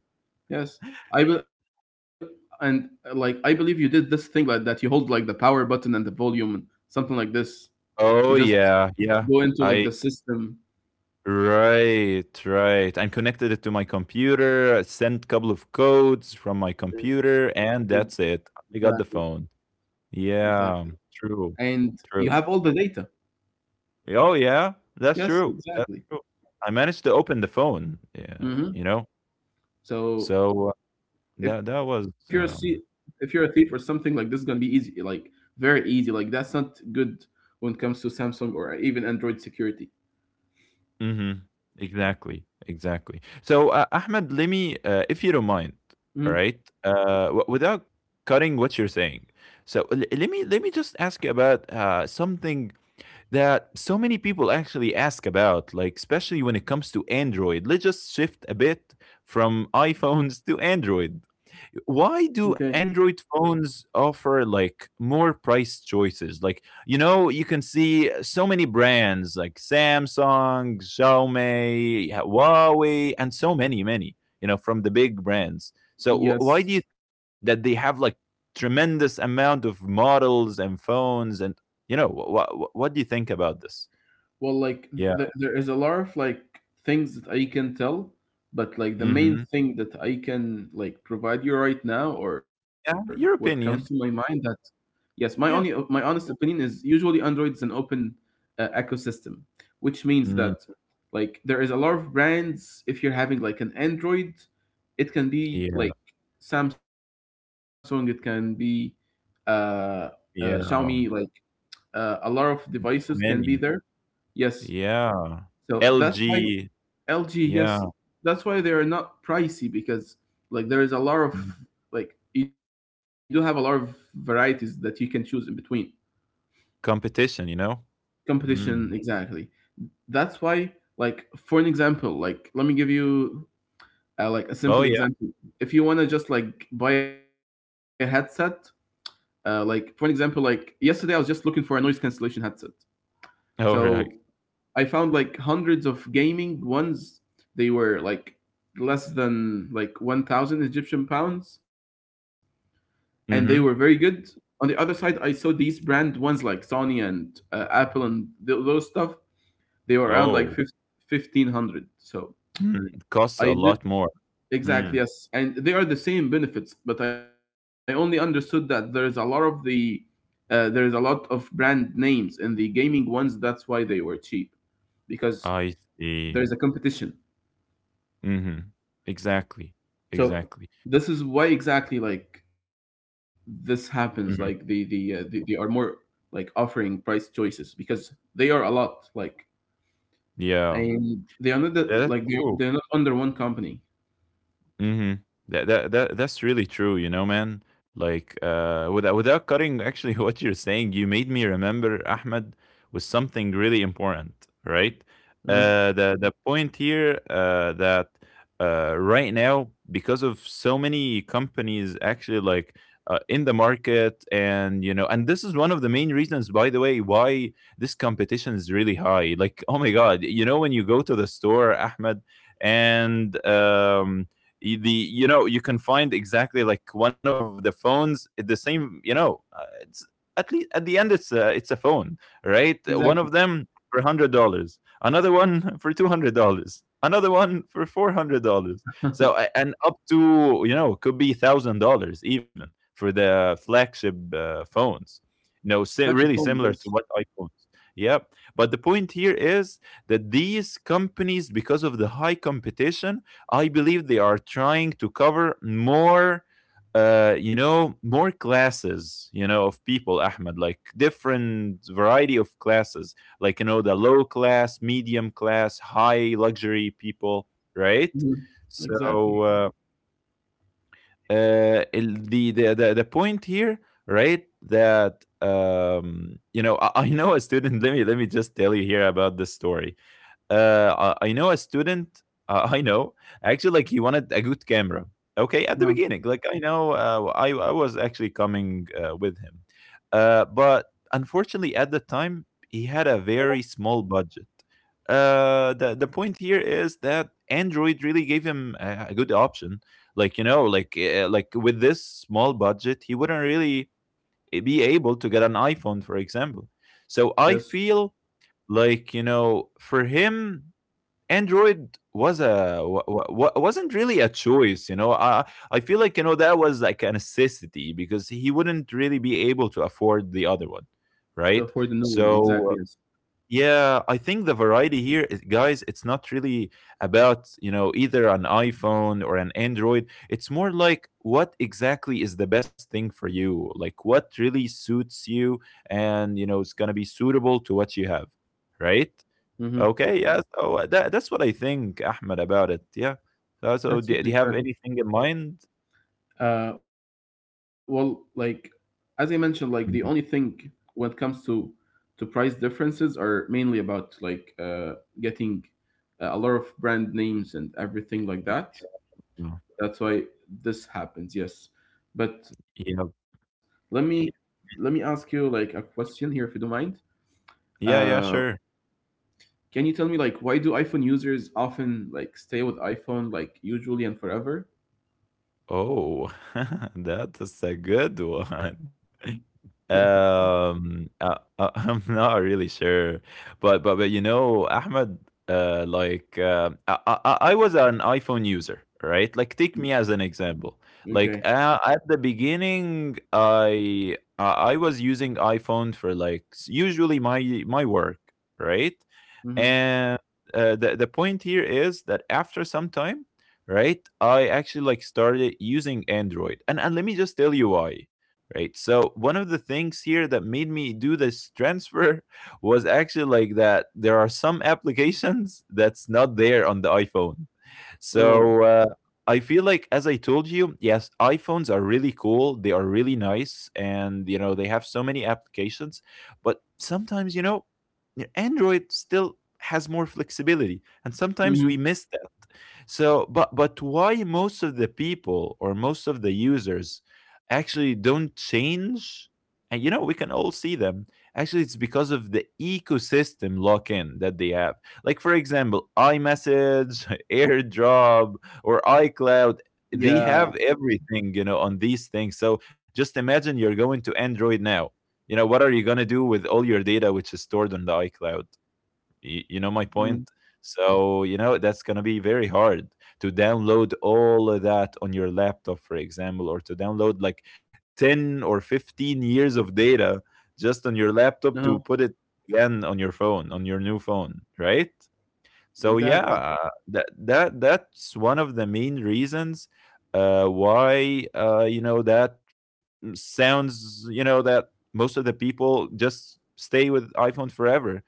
Speaker 1: Yes, I be- and like, I believe you did this thing, like, that you hold, like, the power button and the volume and something like this. You just
Speaker 2: Oh, yeah.
Speaker 1: go
Speaker 2: Yeah.
Speaker 1: into like the
Speaker 2: I
Speaker 1: system.
Speaker 2: right, right. And connected it to my computer, I sent couple of codes from my computer, and that's
Speaker 1: Exactly,
Speaker 2: it. I got the phone.
Speaker 1: exactly.
Speaker 2: Yeah, true,
Speaker 1: And you have
Speaker 2: true.
Speaker 1: all the data.
Speaker 2: Oh yeah, that's
Speaker 1: Yes,
Speaker 2: true. That's
Speaker 1: exactly.
Speaker 2: true. I managed to open the phone. Yeah,
Speaker 1: Hmm.
Speaker 2: you know.
Speaker 1: So
Speaker 2: So
Speaker 1: if you're
Speaker 2: that
Speaker 1: a
Speaker 2: that
Speaker 1: thie-
Speaker 2: was
Speaker 1: if you're a thief or something like this, is gonna be easy, like very easy. Like that's not good when it comes to Samsung or even Android security.
Speaker 2: mm-hmm. Exactly. Exactly. So, Ahmed, let me, if you don't mind, all
Speaker 1: Mhm.
Speaker 2: right, without cutting what you're saying. So let me just ask you about something that so many people actually ask about, like especially when it comes to Android. Let's just shift a bit from iPhones to Android.
Speaker 1: Okay.
Speaker 2: Why do Android phones offer like more price choices? Like you know you can see so many brands like Samsung, Xiaomi, Huawei, and so many you know from the big brands. So why do
Speaker 1: Yes.
Speaker 2: you think that they have like tremendous amount of models and phones and you know what do you think about this?
Speaker 1: Well, like
Speaker 2: Yeah.
Speaker 1: there is a lot of like things that I can tell, but like the main
Speaker 2: Hmm,
Speaker 1: thing that I can like provide you right now, or what
Speaker 2: yeah,
Speaker 1: comes to
Speaker 2: your
Speaker 1: my mind, that
Speaker 2: opinion.
Speaker 1: yes, my only my
Speaker 2: Yeah.
Speaker 1: honest opinion is usually Android is an open ecosystem, which means that
Speaker 2: Mm,
Speaker 1: like there is a lot of brands. If you're having like an Android, it can be
Speaker 2: yeah,
Speaker 1: like Samsung, it can be uh, uh, Xiaomi,
Speaker 2: yeah,
Speaker 1: like a lot of devices
Speaker 2: so
Speaker 1: can be
Speaker 2: many,
Speaker 1: there. Yes,
Speaker 2: yeah.
Speaker 1: so that's why
Speaker 2: LG,
Speaker 1: LG, yes,
Speaker 2: yeah.
Speaker 1: that's why they are not pricey because like there is a lot of
Speaker 2: Mm.
Speaker 1: like you do have a lot of varieties that you can choose in between.
Speaker 2: Competition, you know? Mm.
Speaker 1: Competition, exactly. That's why like for an example, like let me give you like a
Speaker 2: Oh,
Speaker 1: simple
Speaker 2: yeah.
Speaker 1: example. If you want to just like buy a headset, like for an example, like yesterday I was just looking for a noise cancellation headset.
Speaker 2: Oh,
Speaker 1: So
Speaker 2: right.
Speaker 1: I found like hundreds of gaming ones. They were like less than like 1,000 Egyptian pounds and they were very good.
Speaker 2: Mhm.
Speaker 1: On the other side, I saw these brand ones like Sony and Apple and those stuff. They were around like
Speaker 2: Oh.
Speaker 1: 1500. So
Speaker 2: Mm. It costs
Speaker 1: I
Speaker 2: a
Speaker 1: did
Speaker 2: lot more.
Speaker 1: exactly,
Speaker 2: Mm.
Speaker 1: yes, and they are the same benefits, but I only understood that there is a lot of the there is a lot of brand names in the gaming ones. That's why they were cheap because
Speaker 2: I
Speaker 1: there
Speaker 2: see.
Speaker 1: is a competition.
Speaker 2: Mhm. Exactly.
Speaker 1: So
Speaker 2: Exactly.
Speaker 1: this is why exactly like this happens. Like
Speaker 2: Mhm.
Speaker 1: they are more like offering price choices because they are a lot like,
Speaker 2: Yeah.
Speaker 1: and they are not the,
Speaker 2: That's
Speaker 1: like
Speaker 2: true.
Speaker 1: they're not under one company.
Speaker 2: Mhm. That's really true, you know, man. Like without cutting actually what you're saying, you made me remember Ahmed with something really important, right?
Speaker 1: Uh,
Speaker 2: The point here that right now because of so many companies actually like in the market, and you know, and this is one of the main reasons by the way why this competition is really high. Like oh my god, you know, when you go to the store, Ahmed, and um the you know, you can find exactly like one of the phones, the same, you know, it's at least at the end, it's a phone, right?
Speaker 1: exactly.
Speaker 2: One of them for $100, another one for $200, another one for $400. So and up to, you know, could be $1,000 even, for the flagship phones, you know,
Speaker 1: Flagship phones,
Speaker 2: really
Speaker 1: yes.
Speaker 2: similar to what iPhones. Yep. But the point here is that these companies, because of the high competition, I believe they are trying to cover more, you know, more classes, you know, of people, Ahmed, like different variety of classes, like, you know, the low class, medium class, high luxury people, right?
Speaker 1: Mhm.
Speaker 2: So,
Speaker 1: Exactly.
Speaker 2: the point here, right, that, you know, I know a student. Let me, let me just tell you here about this story. I know a student. I know, actually, like he wanted a good camera. Okay, at the
Speaker 1: Yeah.
Speaker 2: beginning, like I know, I was actually coming with him, but unfortunately, at the time, he had a very small budget. The point here is that Android really gave him a good option. Like, you know, like with this small budget, he wouldn't really be able to get an iPhone, for example. So I
Speaker 1: Yes.
Speaker 2: feel like, you know, for him, Android was a wa- wa- wa- wasn't really a choice, you know. I feel like, you know, that was like a necessity because he wouldn't really be able to afford the other one,
Speaker 1: To afford the
Speaker 2: right?
Speaker 1: new one, exactly. Yes.
Speaker 2: So yeah, I think the variety here is, guys, it's not really about, you know, either an iPhone or an Android. It's more like what exactly is the best thing for you, like what really suits you, and you know it's gonna be suitable to what you have, right?
Speaker 1: Hmm.
Speaker 2: Okay, yeah, so that that's what I think, Ahmed, about it, yeah. So
Speaker 1: That's what
Speaker 2: do
Speaker 1: they.
Speaker 2: you have anything in mind?
Speaker 1: Well, like as I mentioned, like the only thing
Speaker 2: Mhm,
Speaker 1: when it comes to price differences are mainly about like getting a lot of brand names and everything like
Speaker 2: yeah.
Speaker 1: that. That's why this happens. Yes, but let
Speaker 2: Yeah.
Speaker 1: me let me ask you like a question here, if you don't mind.
Speaker 2: Yeah,
Speaker 1: Uh,
Speaker 2: yeah, sure.
Speaker 1: can you tell me like why do iPhone users often like stay with iPhone like usually and forever?
Speaker 2: Oh, that is a good one. I'm not really sure, but you know, Ahmed, like I was an iPhone user, right? Like take me as an example. Like
Speaker 1: Okay.
Speaker 2: at the beginning, I was using iPhone for like usually my work, right?
Speaker 1: Mm-hmm.
Speaker 2: And the point here is that after some time, right, I actually like started using Android. And let me just tell you why. Right, so one of the things here that made me do this transfer was actually like that there are some applications that's not there on the iPhone.
Speaker 1: Oh.
Speaker 2: So I feel like, as I told you, yes, iPhones are really cool. They are really nice, and you know they have so many applications. But sometimes, you know, Android still has more flexibility, and sometimes
Speaker 1: Mm-hmm.
Speaker 2: we miss that. So, but why most of the people or most of the users actually don't change? And you know, we can all see them. Actually, it's because of the ecosystem lock-in that they have. Like for example, iMessage, AirDrop, or iCloud. They
Speaker 1: Yeah.
Speaker 2: have everything, you know, on these things. So just imagine you're going to Android now. You know, what are you gonna do with all your data which is stored on the iCloud? Y You know my
Speaker 1: Mm.
Speaker 2: point? So, you know, that's gonna be very hard to download all of that on your laptop, for example, or to download like 10 or 15 years of data just on
Speaker 1: Uh-huh.
Speaker 2: your laptop to put it again on your phone, on your new phone, right? So
Speaker 1: Exactly.
Speaker 2: yeah, that that that's one of the main reasons why you know that sounds, you know, that most of the people just stay with iPhone forever.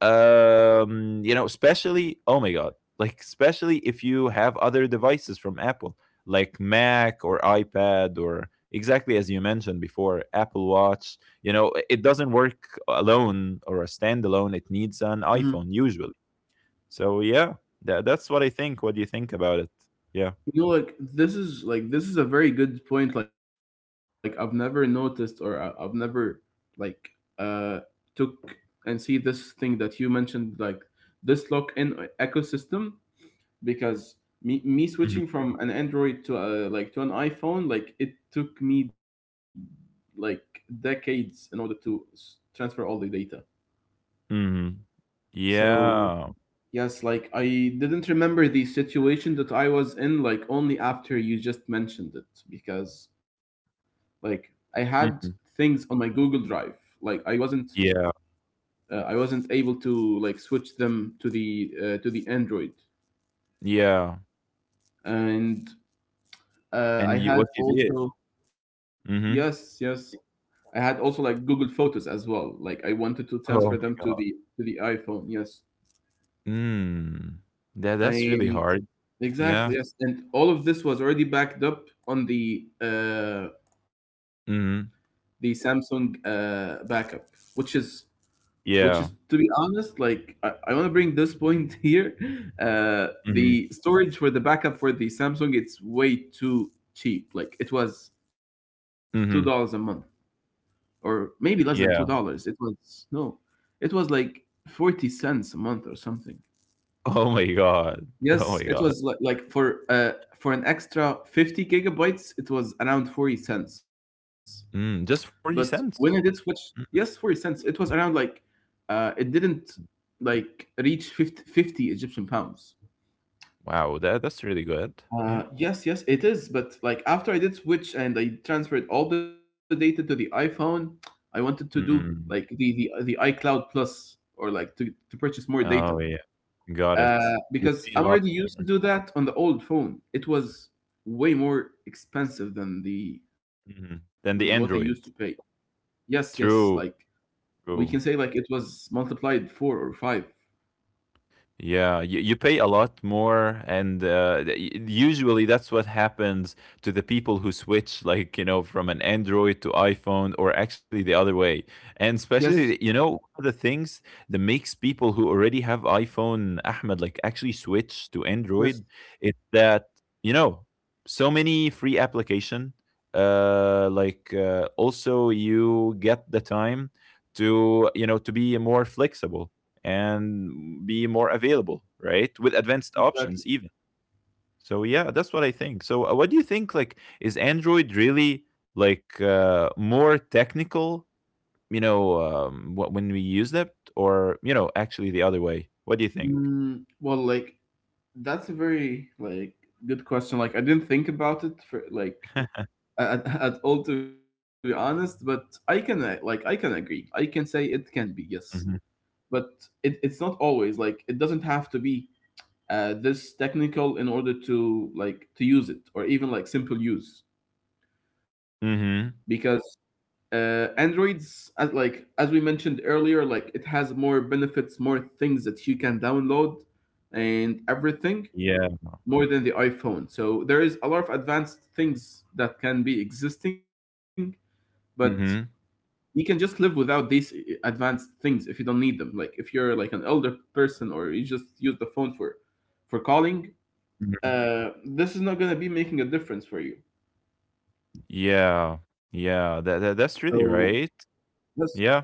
Speaker 2: You know, especially, oh my god, like especially if you have other devices from Apple, like Mac or iPad, or exactly as you mentioned before, Apple Watch. You know, it doesn't work alone or a standalone, it needs an
Speaker 1: Mhm.
Speaker 2: iPhone usually. So yeah, that, that's what I think. What do you think about it? Yeah.
Speaker 1: You know, like this is a very good point. Like I've never noticed or I've never like uh took and see this thing that you mentioned, like this lock-in ecosystem, because me
Speaker 2: Hmm.
Speaker 1: switching from an Android to like to an iPhone, like it took me like decades in order to transfer all the data.
Speaker 2: Hmm.
Speaker 1: So
Speaker 2: Yeah.
Speaker 1: yes, like I didn't remember the situation that I was in, like only after you just mentioned it, because like I had
Speaker 2: Hmm.
Speaker 1: things on my Google Drive, like
Speaker 2: Yeah.
Speaker 1: I wasn't able to like switch them to the Android,
Speaker 2: Yeah.
Speaker 1: and I
Speaker 2: And you
Speaker 1: had
Speaker 2: what you did.
Speaker 1: also yes, yes,
Speaker 2: Mhm.
Speaker 1: I had also like Google Photos as well, like I wanted to transfer them
Speaker 2: Oh my.
Speaker 1: to the iPhone, yes.
Speaker 2: Mm. That that's really
Speaker 1: And
Speaker 2: hard. Yeah.
Speaker 1: exactly, yes. And all of this was already backed up on the
Speaker 2: Mhm.
Speaker 1: Samsung backup, which is to be
Speaker 2: Yeah.
Speaker 1: honest, like I want to bring this point here. The
Speaker 2: Mhm.
Speaker 1: storage for the backup for the Samsung, it's way too cheap. Like it was $2 a month,
Speaker 2: Mhm.
Speaker 1: or maybe less than two
Speaker 2: Yeah.
Speaker 1: dollars. It was no. It was like 40 cents a month or something.
Speaker 2: Oh my god. Oh
Speaker 1: Yes,
Speaker 2: my
Speaker 1: it
Speaker 2: god.
Speaker 1: was like for an extra 50 gigabytes, it was around 40 cents. But
Speaker 2: Mm, just 40
Speaker 1: when I did
Speaker 2: cents?
Speaker 1: switch, yes,
Speaker 2: Mm.
Speaker 1: 40 cents, it was around like it didn't like reach 50 Egyptian pounds.
Speaker 2: Wow, that that's really good. Yeah.
Speaker 1: Yes, yes, it is, but like after I did switch and I transferred all the data to the iPhone, I wanted to do like
Speaker 2: Mm.
Speaker 1: the iCloud Plus, or like to purchase more data.
Speaker 2: Oh, yeah. Got
Speaker 1: Uh,
Speaker 2: it. You
Speaker 1: because
Speaker 2: pay a
Speaker 1: I'm
Speaker 2: lot
Speaker 1: already used to
Speaker 2: more.
Speaker 1: do that on the old phone. It was way more expensive than the than what I
Speaker 2: Mhm.
Speaker 1: used to
Speaker 2: Than the
Speaker 1: pay.
Speaker 2: Android.
Speaker 1: Yes, yes, like
Speaker 2: True.
Speaker 1: we can say
Speaker 2: True.
Speaker 1: like it was multiplied four or five.
Speaker 2: Yeah, you pay a lot more, and usually that's what happens to the people who switch, like, you know, from an Android to iPhone, or actually the other way. And
Speaker 1: Yes,
Speaker 2: especially, you know, one of the things that makes people who already have iPhone, Ahmed, like actually switch to
Speaker 1: yes,
Speaker 2: Android is that, you know, so many free application. Like also you get the time to, you know, to be more flexible and be more available, right? With advanced
Speaker 1: exactly.
Speaker 2: options even. So yeah, that's what I think. So what do you think, like is Android really like more technical, you know, when we use it or, you know, actually the other way? What do you think?
Speaker 1: Mm, well, like that's a very like good question. Like I didn't think about it for like at, at all to be honest, but I can like I can agree. I can say it can be yes,
Speaker 2: Mhm.
Speaker 1: but it's not always like it doesn't have to be this technical in order to like to use it or even like simple use, because
Speaker 2: Mhm.
Speaker 1: Androids as like as we mentioned earlier, like it has more benefits, more things that you can download and everything,
Speaker 2: Yeah.
Speaker 1: more than the iPhone. So there is a lot of advanced things that can be existing, but
Speaker 2: Mhm.
Speaker 1: you can just live without these advanced things if you don't need them, like if you're like an elder person or you just use the phone for calling.
Speaker 2: Mhm.
Speaker 1: This is not going to be making a difference for you.
Speaker 2: Yeah. Yeah, that, that
Speaker 1: So
Speaker 2: that's really right.
Speaker 1: yes,
Speaker 2: Yeah.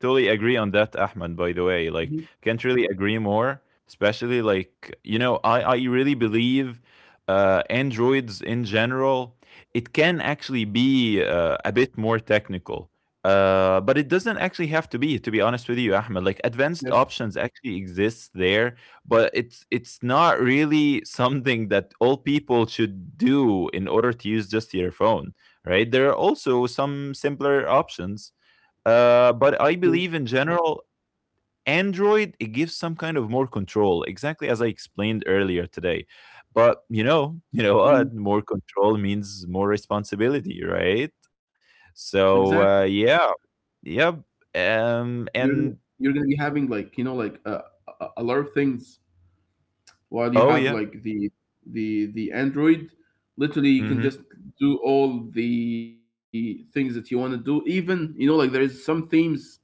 Speaker 2: Totally agree on that, Ahmed, by the way.
Speaker 1: mhm,
Speaker 2: Like, can't really agree more, especially like, you know, I really believe Androids in general, it can actually be a bit more technical. But it doesn't actually have to be honest with you, Ahmed. Like
Speaker 1: yes,
Speaker 2: advanced options actually exist there, but it's not really something that all people should do in order to use just your phone, right? There are also some simpler options, but I
Speaker 1: yes,
Speaker 2: believe in general, Android it gives some kind of more control, exactly as I explained earlier today. But you know, you know
Speaker 1: mhm,
Speaker 2: what? More control means more responsibility, right?
Speaker 1: exactly.
Speaker 2: So yeah, yep.
Speaker 1: You're gonna
Speaker 2: And
Speaker 1: you're gonna be having like you know like a lot of things while you
Speaker 2: oh
Speaker 1: have
Speaker 2: yeah,
Speaker 1: like the Android. Literally, you can
Speaker 2: mm-hmm.
Speaker 1: just do all the things that you want to do. Even you know like there is some themes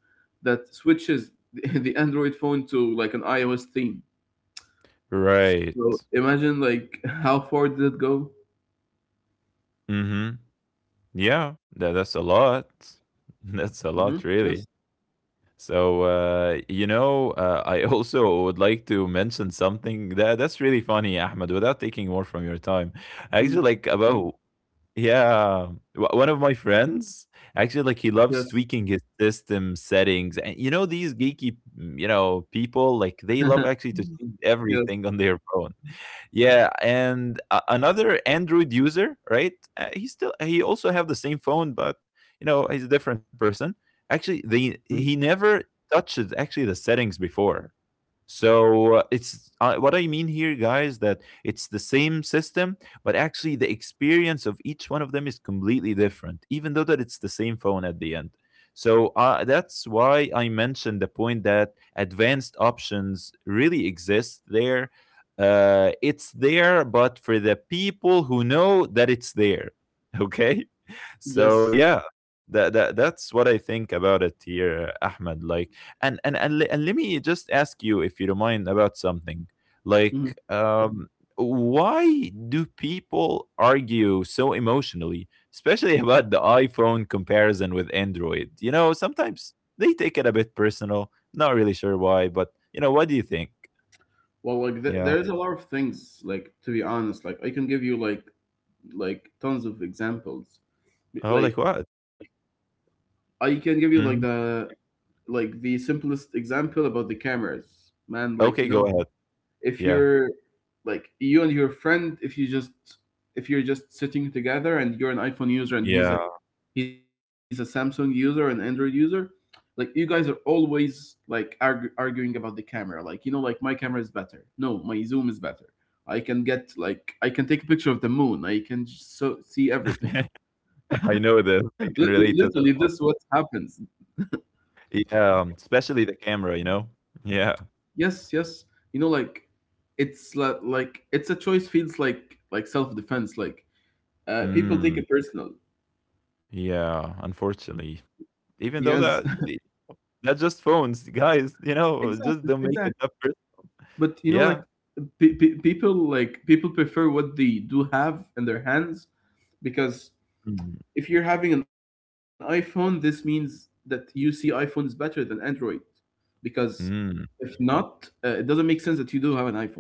Speaker 1: that switches the Android phone to like an iOS theme.
Speaker 2: Right,
Speaker 1: So imagine like how far did it go?
Speaker 2: mm-hmm. Yeah, that, that's a lot.
Speaker 1: Hmm.
Speaker 2: That's a
Speaker 1: Yes.
Speaker 2: lot, really. So, you know, I also would like to mention something that that's really funny, Ahmed, without taking more from your time. Actually,
Speaker 1: Mm-hmm.
Speaker 2: like mm, about yeah, one of my friends actually like
Speaker 1: Yes.
Speaker 2: he loves tweaking his system settings, and you know these geeky, mm, you know, people like they love actually to change
Speaker 1: Yes.
Speaker 2: everything on their phone. Yeah, and another Android user, right, he still, he also have the same phone, but you know, he's a different person. Actually,
Speaker 1: Mhm.
Speaker 2: they he never touched actually the settings before. So it's what I mean here, guys, that it's the same system, but actually the experience of each one of them is completely different, even though that it's the same phone at the end. So that's why I mentioned the point that advanced options really exist there. It's there, but for the people who know that it's there, okay, so
Speaker 1: Yes.
Speaker 2: yeah, that that that's what I think about it here, Ahmed. Like, and let me just ask you, if you don't mind, about something.
Speaker 1: Mhm.
Speaker 2: Like, um, why do people argue so emotionally, especially about the iPhone comparison with Android? You know, sometimes they take it a bit personal. Not really sure why, but you know, what do you think?
Speaker 1: Well, like
Speaker 2: Yeah.
Speaker 1: there is a lot of things. Like to be honest, like I can give you like tons of examples.
Speaker 2: Oh, like
Speaker 1: Like
Speaker 2: what?
Speaker 1: I can give you
Speaker 2: Mhm.
Speaker 1: like the simplest example about the cameras, man. Like you
Speaker 2: Okay,
Speaker 1: know,
Speaker 2: go ahead.
Speaker 1: if
Speaker 2: Yeah.
Speaker 1: you're like you and your friend, if you just if you're just sitting together and you're an iPhone user, and
Speaker 2: Yeah.
Speaker 1: he's a Samsung user, an Android user, like you guys are always like arguing about the camera, like you know, like my camera is better, no, my zoom is better. I can take a picture of the moon, I can so see everything.
Speaker 2: I know
Speaker 1: Lit-
Speaker 2: this. I can
Speaker 1: Literally this is
Speaker 2: relate to
Speaker 1: what
Speaker 2: that.
Speaker 1: happens.
Speaker 2: Yeah, especially the camera, you know? Yeah.
Speaker 1: Yes, yes, you know, like it's like, it's a choice, feels like self-defense, like people take
Speaker 2: Mm,
Speaker 1: it personal.
Speaker 2: yeah, unfortunately.
Speaker 1: Yes.
Speaker 2: Even though that the that's just phones, guys, you know,
Speaker 1: Exactly,
Speaker 2: just don't make
Speaker 1: exactly,
Speaker 2: an effort.
Speaker 1: but you know like
Speaker 2: Yeah.
Speaker 1: people people prefer what they do have in their hands, because
Speaker 2: Mm,
Speaker 1: if you're having an iPhone, this means that you see iPhone is better than Android, because
Speaker 2: mm.
Speaker 1: if not, it doesn't make sense that you do have an iPhone.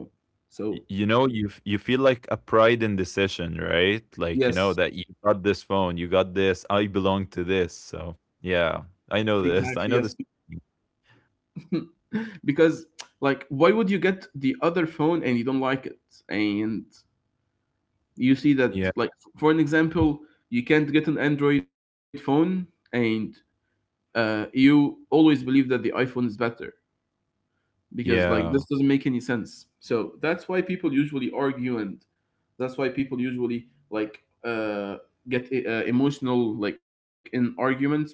Speaker 1: So,
Speaker 2: You know, you you feel like a pride in decision, right? Like, you know,
Speaker 1: yes,
Speaker 2: that you got this phone, you got this, I belong to this. So, yeah, I
Speaker 1: exactly,
Speaker 2: know
Speaker 1: yes.
Speaker 2: this. I know this.
Speaker 1: Because, like, why would you get the other phone and you don't like it? And you see
Speaker 2: Yeah.
Speaker 1: that, like, for an example, you can't get an Android phone and you always believe that the iPhone is better, because like this
Speaker 2: Yeah.
Speaker 1: doesn't make any sense. So that's why people usually argue, and that's why people usually like get emotional like in arguments, because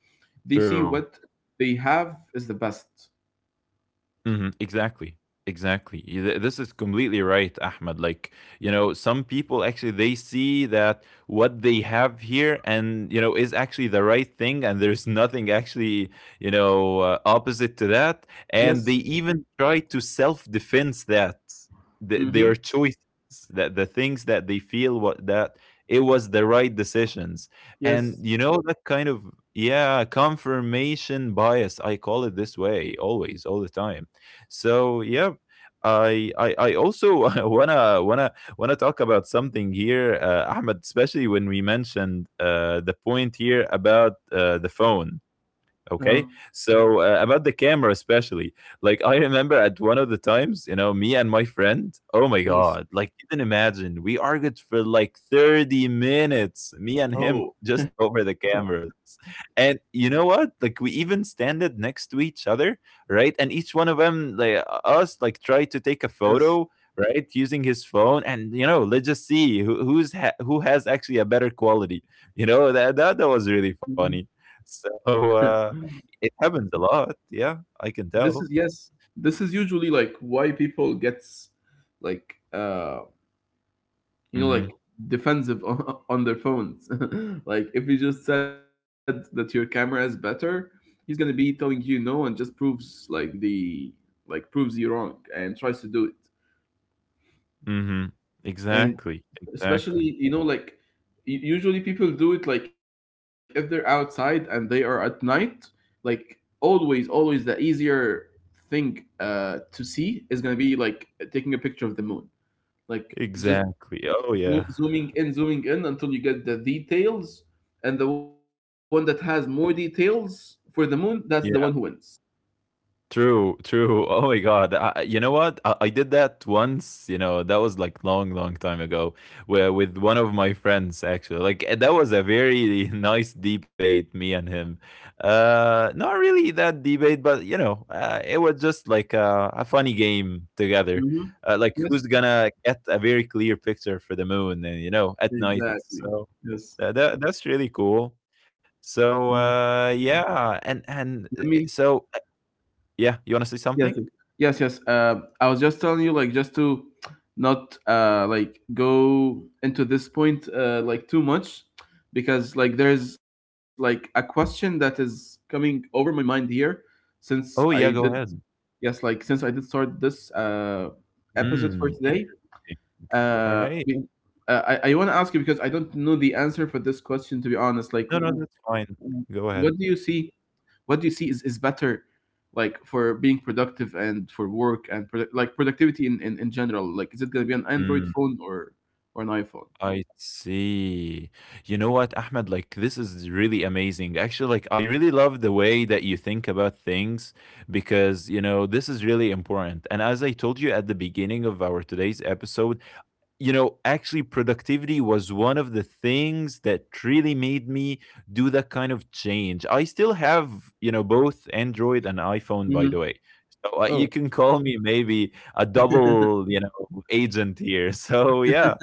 Speaker 1: they see what
Speaker 2: True.
Speaker 1: they have is the best.
Speaker 2: Mhm, exactly. Exactly. This is completely right, Ahmed. Like, you know, some people actually they see that what they have here and, you know, is actually the right thing, and there's nothing actually, you know, opposite to that, and they
Speaker 1: Yes.
Speaker 2: even try to self-defense that
Speaker 1: Mm-hmm.
Speaker 2: their choices, that the things that they feel what that it was the right decisions, and
Speaker 1: Yes.
Speaker 2: you know, that kind of, yeah, confirmation bias. I call it this way always, all the time. So yeah, I also wanna wanna talk about something here, Ahmed. Especially when we mentioned the point here about the phone.
Speaker 1: Uh-huh.
Speaker 2: Okay, so about the camera especially, like I remember at one of the times, you know, me and my friend, oh my
Speaker 1: Yes.
Speaker 2: god, like you can imagine we argued for like 30 minutes, me and him,
Speaker 1: Oh.
Speaker 2: just over the cameras. And you know what, like we even standed next to each other, right, and each one of them, like us, like tried to take a
Speaker 1: Yes.
Speaker 2: photo, right, using his phone. And you know, let's just see who has actually a better quality. You know that was
Speaker 1: Mhm.
Speaker 2: really funny. So uh, it happens a lot, yeah, I can
Speaker 1: this is
Speaker 2: tell.
Speaker 1: Yes, this is usually like why people gets like you know, like
Speaker 2: Mhm,
Speaker 1: defensive on, on their phones. Like if he just said that your camera is better, he's gonna be telling you no and just proves like proves you wrong and tries to do it.
Speaker 2: mhm.
Speaker 1: And
Speaker 2: Exactly, exactly,
Speaker 1: especially, you know, like usually people do it like if they're outside and they are at night, like always, always the easier thing to see is gonna be like taking a picture of the moon. Like just
Speaker 2: exactly. Oh, yeah.
Speaker 1: Zooming in, zooming in until you get the details, and the one that has more details for the moon, that's the one who
Speaker 2: Yeah.
Speaker 1: wins.
Speaker 2: True, true. Oh my God. You know what? I did that once, you know, that was like long, long time ago, where, with one of my friends, actually. Like, that was a very nice debate, me and him. Not really that debate, but, you know, it was just like a funny game together.
Speaker 1: Hmm.
Speaker 2: Like,
Speaker 1: Yes,
Speaker 2: who's gonna get a very clear picture for the moon, and, you know, at night.
Speaker 1: exactly.
Speaker 2: So
Speaker 1: Yes.
Speaker 2: that that's really cool.
Speaker 1: Mhm.
Speaker 2: So, yeah. And,
Speaker 1: Let
Speaker 2: and
Speaker 1: me.
Speaker 2: uh, so yeah, you wanna say
Speaker 1: Yes. Yes.
Speaker 2: something?
Speaker 1: Yes. Yes. I was just telling you, like, just to not like go into this point like too much, because like there's like a question that is coming over my mind here since I
Speaker 2: Oh, yeah,
Speaker 1: did.
Speaker 2: go ahead.
Speaker 1: Yes, like since I did start this episode for
Speaker 2: Hmm,
Speaker 1: today,
Speaker 2: interesting.
Speaker 1: uh,
Speaker 2: Alright.
Speaker 1: we- I want to ask you because I don't know the answer for this question to be honest. Like,
Speaker 2: No, no, that's fine.
Speaker 1: what do you
Speaker 2: Go
Speaker 1: see?
Speaker 2: ahead.
Speaker 1: What do you see is, better, like for being productive and for work and product like productivity in general? Like, is it gonna be an Android
Speaker 2: Mm,
Speaker 1: phone or an iPhone?
Speaker 2: I see. You know what, Ahmed? Like, this is really amazing. Actually, like, I really love the way that you think about things, because, you know, this is really important. And as I told you at the beginning of our today's episode, you know, actually, productivity was one of the things that really made me do that kind of change. I still have, you know, both Android and iPhone,
Speaker 1: Mm-hmm.
Speaker 2: by the way. So
Speaker 1: Oh,
Speaker 2: you can call me maybe a double, you know, agent here. So yeah,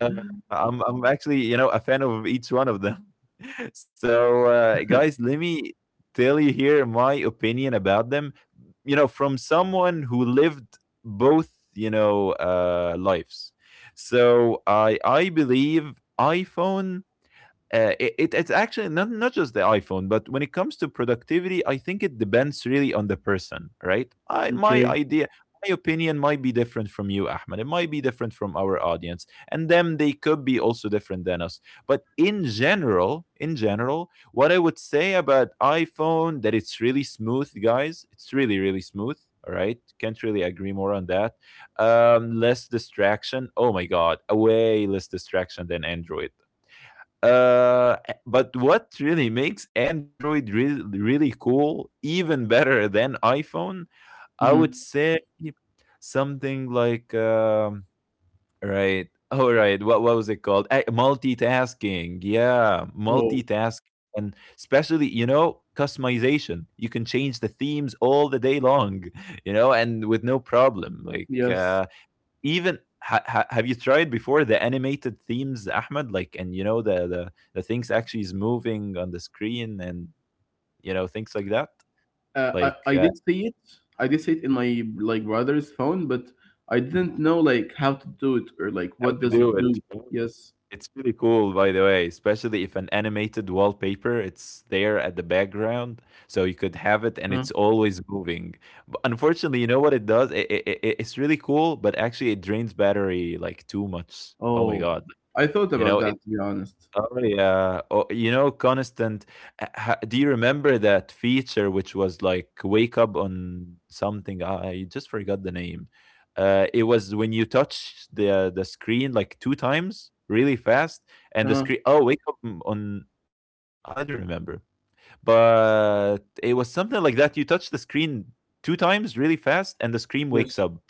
Speaker 2: uh, I'm actually, you know, a fan of each one of them. So guys, let me tell you here my opinion about them, you know, from someone who lived both, you know, lives. So I believe iPhone, it's actually not just the iPhone, but when it comes to productivity, I think it depends really on the person, right? I My
Speaker 1: okay.
Speaker 2: idea, my opinion might be different from you, Ahmed. It might be different from our audience, and them they could be also different than us. But in general, what I would say about iPhone that it's really smooth, guys. It's really really smooth. All right, can't really agree more on that. Less distraction. Oh my God, way less distraction than Android. uh, but what really makes Android really cool, even better than iPhone, I
Speaker 1: Mm-hmm.
Speaker 2: would say something like right, all right. What was it called? Multitasking. Yeah,
Speaker 1: Oh,
Speaker 2: multitasking, and especially, you know, customization. You can change the themes all the day long, you know, and with no problem.
Speaker 1: yes.
Speaker 2: Even have you tried before the animated themes, Ahmed, like? And you know, the the things actually is moving on the screen and you know, things like that.
Speaker 1: I
Speaker 2: like
Speaker 1: did
Speaker 2: uh,
Speaker 1: see it. I did see it in my like brother's phone, but I
Speaker 2: Mm,
Speaker 1: didn't know like how to do it or like
Speaker 2: how
Speaker 1: what
Speaker 2: to
Speaker 1: does it
Speaker 2: do it?
Speaker 1: do. Yes.
Speaker 2: It's really cool, by the way, especially if an animated wallpaper, it's there at the background, so you
Speaker 1: Uh,
Speaker 2: could have it and it's always moving. But unfortunately, you know what it does, it's really cool, but actually it drains battery like too much, oh my
Speaker 1: oh,
Speaker 2: god,
Speaker 1: I thought
Speaker 2: you
Speaker 1: about
Speaker 2: know it.
Speaker 1: that to be honest.
Speaker 2: Oh yeah. Oh, you know, constant. Do you remember that feature which was like wake up on something? Ah, I just forgot the name. It was when you touch the screen like two times really fast, and the
Speaker 1: Uh,
Speaker 2: screen, oh, wake on. I don't remember, but it was something like that. You touch the screen two times really fast, and the screen
Speaker 1: yes.
Speaker 2: wakes up.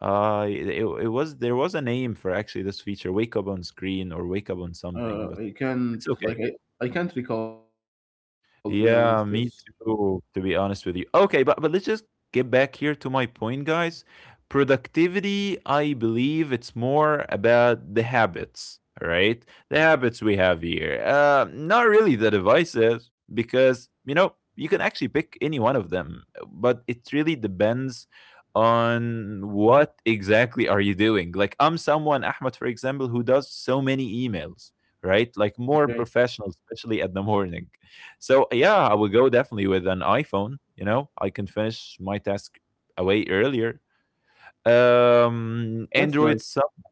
Speaker 2: It was, there was a name for actually this feature, wake up on screen or wake up on something, but
Speaker 1: I can't
Speaker 2: it's
Speaker 1: like
Speaker 2: okay.
Speaker 1: I can't recall to be honest. Yes.
Speaker 2: Yeah, me too, to be honest with you. Okay, but let's just get back here to my point, guys. Productivity, I believe it's more about the habits, right? The habits we have here. Not really the devices, because, you know, you can actually pick any one of them, but it really depends on what exactly are you doing. Like I'm someone, Ahmed, for example, who does so many emails, right? Like more
Speaker 1: Okay,
Speaker 2: professional, especially at the morning. So yeah, I would go definitely with an iPhone. You know, I can finish my task away earlier.
Speaker 1: that's
Speaker 2: Android
Speaker 1: nice.
Speaker 2: somehow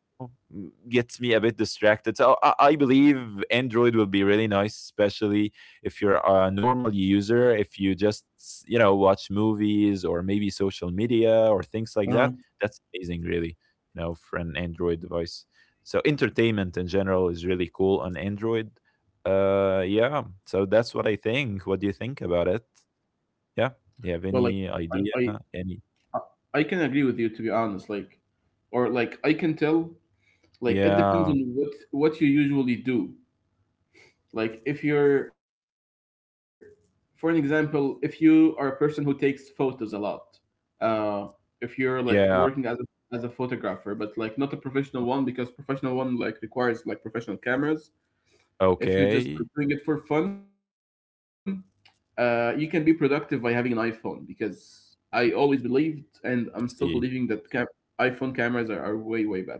Speaker 2: gets me a bit distracted. So I believe Android will be really nice, especially if you're a normal user, if you just, you know, watch movies or maybe social media or things like
Speaker 1: Uh,
Speaker 2: that. That's amazing, really, you know, for an Android device. So entertainment in general is really cool on Android. Yeah. So that's what I think. What do you think about it? Yeah.
Speaker 1: well, like
Speaker 2: Do you have
Speaker 1: I,
Speaker 2: any
Speaker 1: I
Speaker 2: idea? Any?
Speaker 1: I can agree with you to be honest. Like or like I can tell. Like it depends
Speaker 2: Yeah.
Speaker 1: on what you usually do. Like if you're, for an example, if you are a person who takes photos a lot, uh, if you're like working
Speaker 2: Yeah.
Speaker 1: as a photographer, but like not a professional one because professional one like requires like professional cameras. If you're just like
Speaker 2: Okay,
Speaker 1: doing it for fun, you can be productive by having an iPhone because I always believed and I'm still
Speaker 2: let's
Speaker 1: believing that
Speaker 2: see.
Speaker 1: iPhone cameras are way, way better.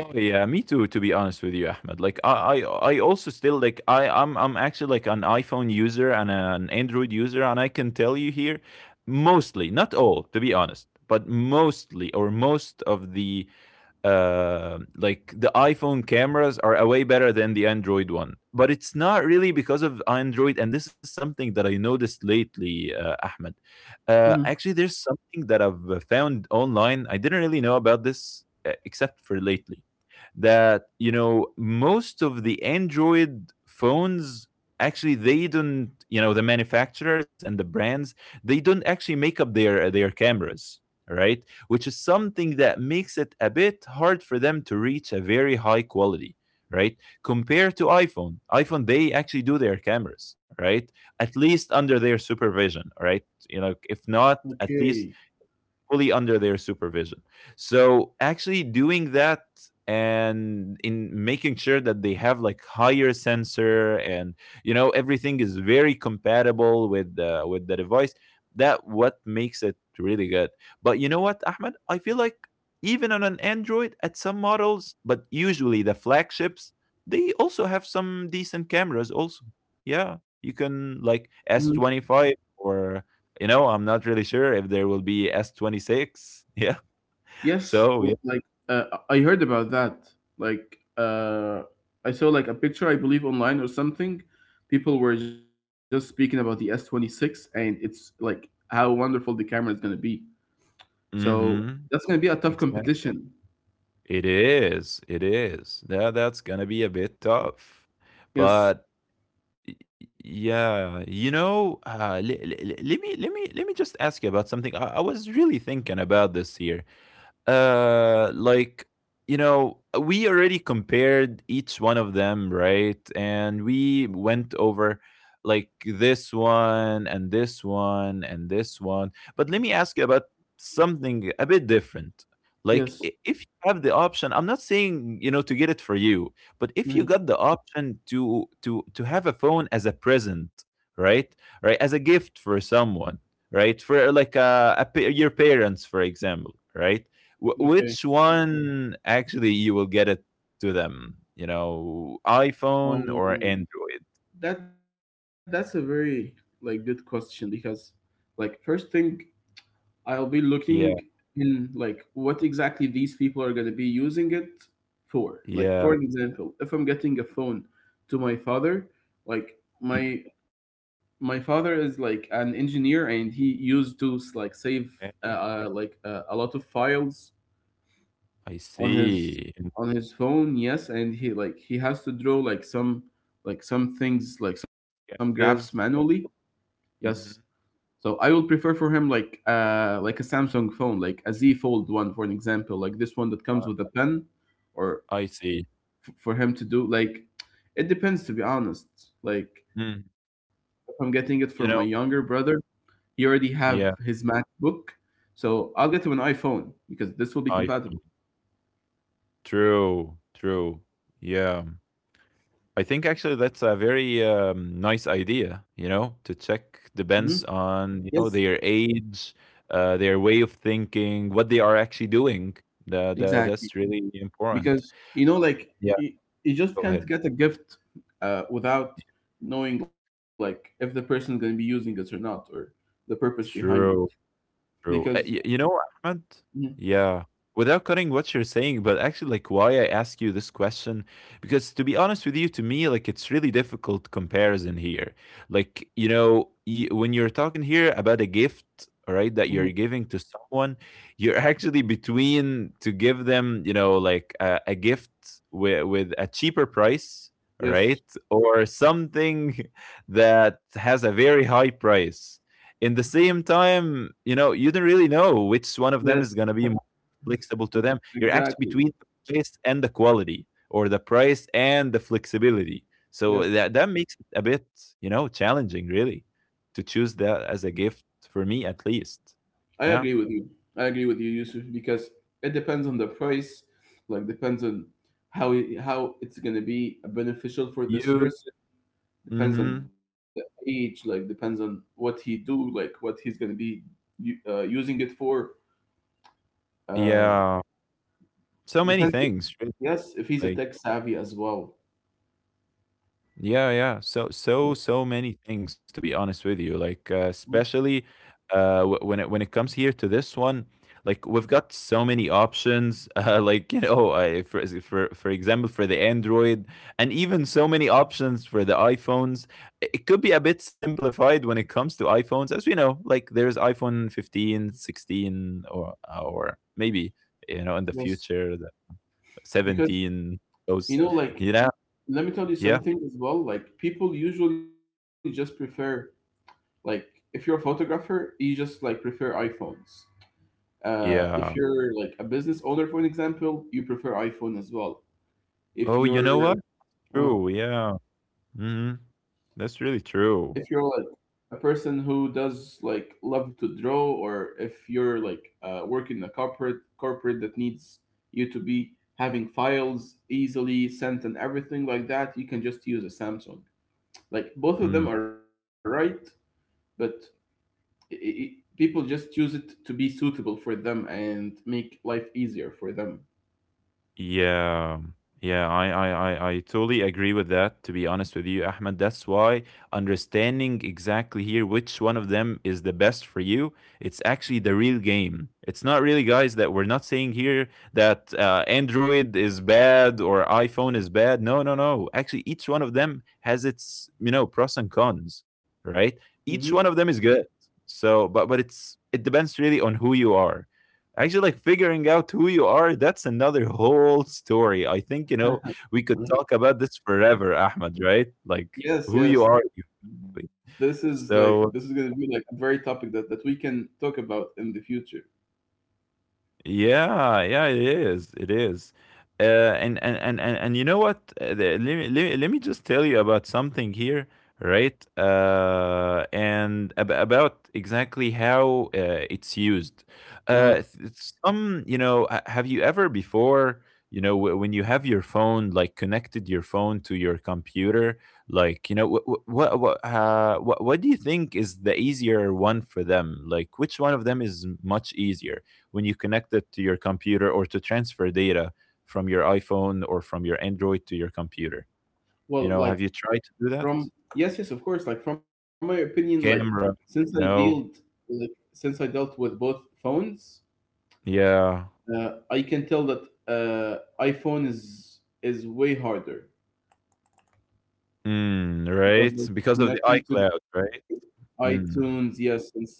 Speaker 2: Oh yeah, me too. To be honest with you, Ahmed, like I also, I'm actually like an iPhone user and an Android user, and I can tell you here, mostly, not all, to be honest, but mostly or most of the like the iPhone cameras are a way better than the Android one. But it's not really because of Android, and this is something that I noticed lately, Ahmed.
Speaker 1: Hmm,
Speaker 2: Actually, there's something that I've found online. I didn't really know about this except for lately. That you know, most of the Android phones, actually they don't, you know, the manufacturers and the brands, they don't actually make up their cameras, right? Which is something that makes it a bit hard for them to reach a very high quality, right? Compared to iPhone, iPhone, they actually do their cameras, right? At least under their supervision, right? You know, if not, at
Speaker 1: okay.
Speaker 2: least fully under their supervision. So actually doing that and in making sure that they have like higher sensor and you know, everything is very compatible with the device, that what makes it really good. But you know what, Ahmed, I feel like even on an Android, at some models, but usually the flagships, they also have some decent cameras also. Yeah, you can
Speaker 1: Hmm.
Speaker 2: like S25 or you know, I'm not really sure if there will be S26. Yeah.
Speaker 1: Yes,
Speaker 2: So, yeah.
Speaker 1: like I heard about that. Like I saw like a picture, I believe, online or something. People were just speaking about the S26, and it's like how wonderful the camera is gonna be. So
Speaker 2: Mhm.
Speaker 1: that's gonna be a tough
Speaker 2: Exactly.
Speaker 1: competition.
Speaker 2: It is. It is. That that's gonna be a bit tough.
Speaker 1: Yes,
Speaker 2: But y- yeah, you know, let me let me just ask you about something. I was really thinking about this here. uh like you know, we already compared each one of them, right, and we went over like this one and this one and this one, but let me ask you about something a bit different.
Speaker 1: yes.
Speaker 2: If you have the option, I'm not saying, you know, to get it for you, but if you
Speaker 1: Mhm,
Speaker 2: got the option to have a phone as a present, right, right, as a gift for someone, right, for like your parents, for example, right?
Speaker 1: okay.
Speaker 2: Which one actually you will get it to them? You know, iPhone or
Speaker 1: Um,
Speaker 2: Android?
Speaker 1: that that's a very like good question because like first thing I'll be looking
Speaker 2: Yeah,
Speaker 1: in like what exactly these people are going to be using it for. Like
Speaker 2: yeah.
Speaker 1: for example, if I'm getting a phone to my father, like my father is like an engineer and he used to like save uh,
Speaker 2: Okay,
Speaker 1: like a lot of files
Speaker 2: I
Speaker 1: on his
Speaker 2: see. In
Speaker 1: on his phone. Yes, and he like he has to draw like some things like some graphs
Speaker 2: sketches.
Speaker 1: manually. Yes,
Speaker 2: Hmm.
Speaker 1: so I will prefer for him like a Samsung phone, like a Z Fold one for an example, like this one that comes with a pen, or
Speaker 2: I see.
Speaker 1: for him to do like it depends to be honest. Like
Speaker 2: Mm,
Speaker 1: if I'm getting it from my younger
Speaker 2: you know,
Speaker 1: brother, he already have his
Speaker 2: yeah,
Speaker 1: MacBook, so I'll get him an iPhone because this will be compatible.
Speaker 2: iPhone. True, true. Yeah. I think actually that's a very nice idea, you know, to
Speaker 1: Hmm,
Speaker 2: check the bands
Speaker 1: yes,
Speaker 2: on, you know, their age, their way of thinking, what they are actually doing.
Speaker 1: exactly.
Speaker 2: That's really important.
Speaker 1: Because you know like
Speaker 2: Yeah,
Speaker 1: you just
Speaker 2: go
Speaker 1: can't
Speaker 2: ahead.
Speaker 1: get a gift without knowing like if the person's going to be using it or not or the purpose behind it
Speaker 2: True. True.
Speaker 1: because.
Speaker 2: You know, Ahmed?
Speaker 1: Mhm,
Speaker 2: Yeah. Without cutting what you're saying, but actually, like, why I ask you this question, because to be honest with you, to me, like, it's really difficult comparison here. Like, you know, when you're talking here about a gift, all right,
Speaker 1: mhm,
Speaker 2: that you're giving to someone, you're actually between to give them, you know, like a gift with a cheaper price, all
Speaker 1: yes,
Speaker 2: right, or something that has a very high price. In the same time, you know, you don't really know which one of them
Speaker 1: yes.
Speaker 2: is going to be more flexible to
Speaker 1: Ex-
Speaker 2: them. You're actually
Speaker 1: exactly,
Speaker 2: between the price and the quality, or the price and the flexibility. So
Speaker 1: yes,
Speaker 2: that makes it a bit, you know, challenging really to choose that as a gift, for me at least.
Speaker 1: I
Speaker 2: Yeah.
Speaker 1: agree with you. I agree with you, Yusuf, because it depends on the price, like depends on how how it's going to be beneficial for this
Speaker 2: You.
Speaker 1: person, depends on the
Speaker 2: Hmm.
Speaker 1: age, like depends on what he do, like what he's going to be using it for. Uh,
Speaker 2: Yeah. So many
Speaker 1: depends if,
Speaker 2: things. Really.
Speaker 1: yes, if he's a
Speaker 2: Like,
Speaker 1: tech savvy as well.
Speaker 2: yeah, yeah. So, so,
Speaker 1: Yes.
Speaker 2: so many things, to be honest with you. Like,
Speaker 1: Mm,
Speaker 2: especially when it, when it comes here to this one, like we've got so many options. Like you know, for example, for the Android, and even so many options for the iPhones. It could be a bit simplified when it comes to iPhones, as we know. Like, there's iPhone 15, 16, or maybe you know, in the
Speaker 1: yes,
Speaker 2: future, the
Speaker 1: because
Speaker 2: 17.
Speaker 1: you
Speaker 2: Those,
Speaker 1: know like
Speaker 2: you know,
Speaker 1: let me tell you
Speaker 2: yeah,
Speaker 1: something as well, like people usually just prefer like if you're a photographer you just like prefer iphones. Uh, if
Speaker 2: yeah.
Speaker 1: you're like a business owner for an example you prefer iphone as well. If
Speaker 2: Oh, you
Speaker 1: you're
Speaker 2: know what?
Speaker 1: uh,
Speaker 2: True, yeah. Mhm. That's
Speaker 1: if
Speaker 2: really
Speaker 1: you're like
Speaker 2: true.
Speaker 1: a person who does like love to draw or if you're like working in a corporate that needs you to be having files easily sent and everything like that you can just use a samsung. Like both of them
Speaker 2: Mm.
Speaker 1: are right, but I people just use it to be suitable for them and make life easier for them.
Speaker 2: Yeah, yeah, I totally agree with that, to be honest with you, Ahmed. That's why understanding exactly here which one of them is the best for you, it's actually the real game. It's not really, guys, that we're not saying here that Android is bad or iPhone is bad. No, no, no. Actually, each one of them has its, you know, pros and cons, right?
Speaker 1: Hmm.
Speaker 2: Each one of them is good. So, but it depends really on who you are, actually, like figuring out who you are. That's another whole story, I think. You know, we could talk about this forever, Ahmed, right? Like
Speaker 1: Yes,
Speaker 2: who you
Speaker 1: yes.
Speaker 2: are exactly.
Speaker 1: This is like this is
Speaker 2: so
Speaker 1: going to be like a very topic that that we can talk about in the future.
Speaker 2: Yeah, yeah, it is. It is. Uh, and you know what? Let me just tell you about something here, right? And ab about exactly how it's used.
Speaker 1: Uh,
Speaker 2: Uh, th- some, you know, have you ever before, you know, when you have your phone, like connected your phone to your computer, like, you know, what do you think is the easier one for them? Like, which one of them is much easier when you connect it to your computer, or to transfer data from your iPhone or from your Android to your computer? You
Speaker 1: well,
Speaker 2: know,
Speaker 1: like
Speaker 2: have you tried to do that?
Speaker 1: from yes, yes, of course. Like from my opinion, like since
Speaker 2: Camera,
Speaker 1: I
Speaker 2: you
Speaker 1: dealt,
Speaker 2: know?
Speaker 1: like since I dealt with both phones,
Speaker 2: Yeah.
Speaker 1: I can tell that iPhone is way harder
Speaker 2: Mm,
Speaker 1: because
Speaker 2: right?
Speaker 1: of
Speaker 2: Because of the
Speaker 1: connecting to the
Speaker 2: iCloud, right?
Speaker 1: iTunes,
Speaker 2: Mm.
Speaker 1: yes, and stuff like that.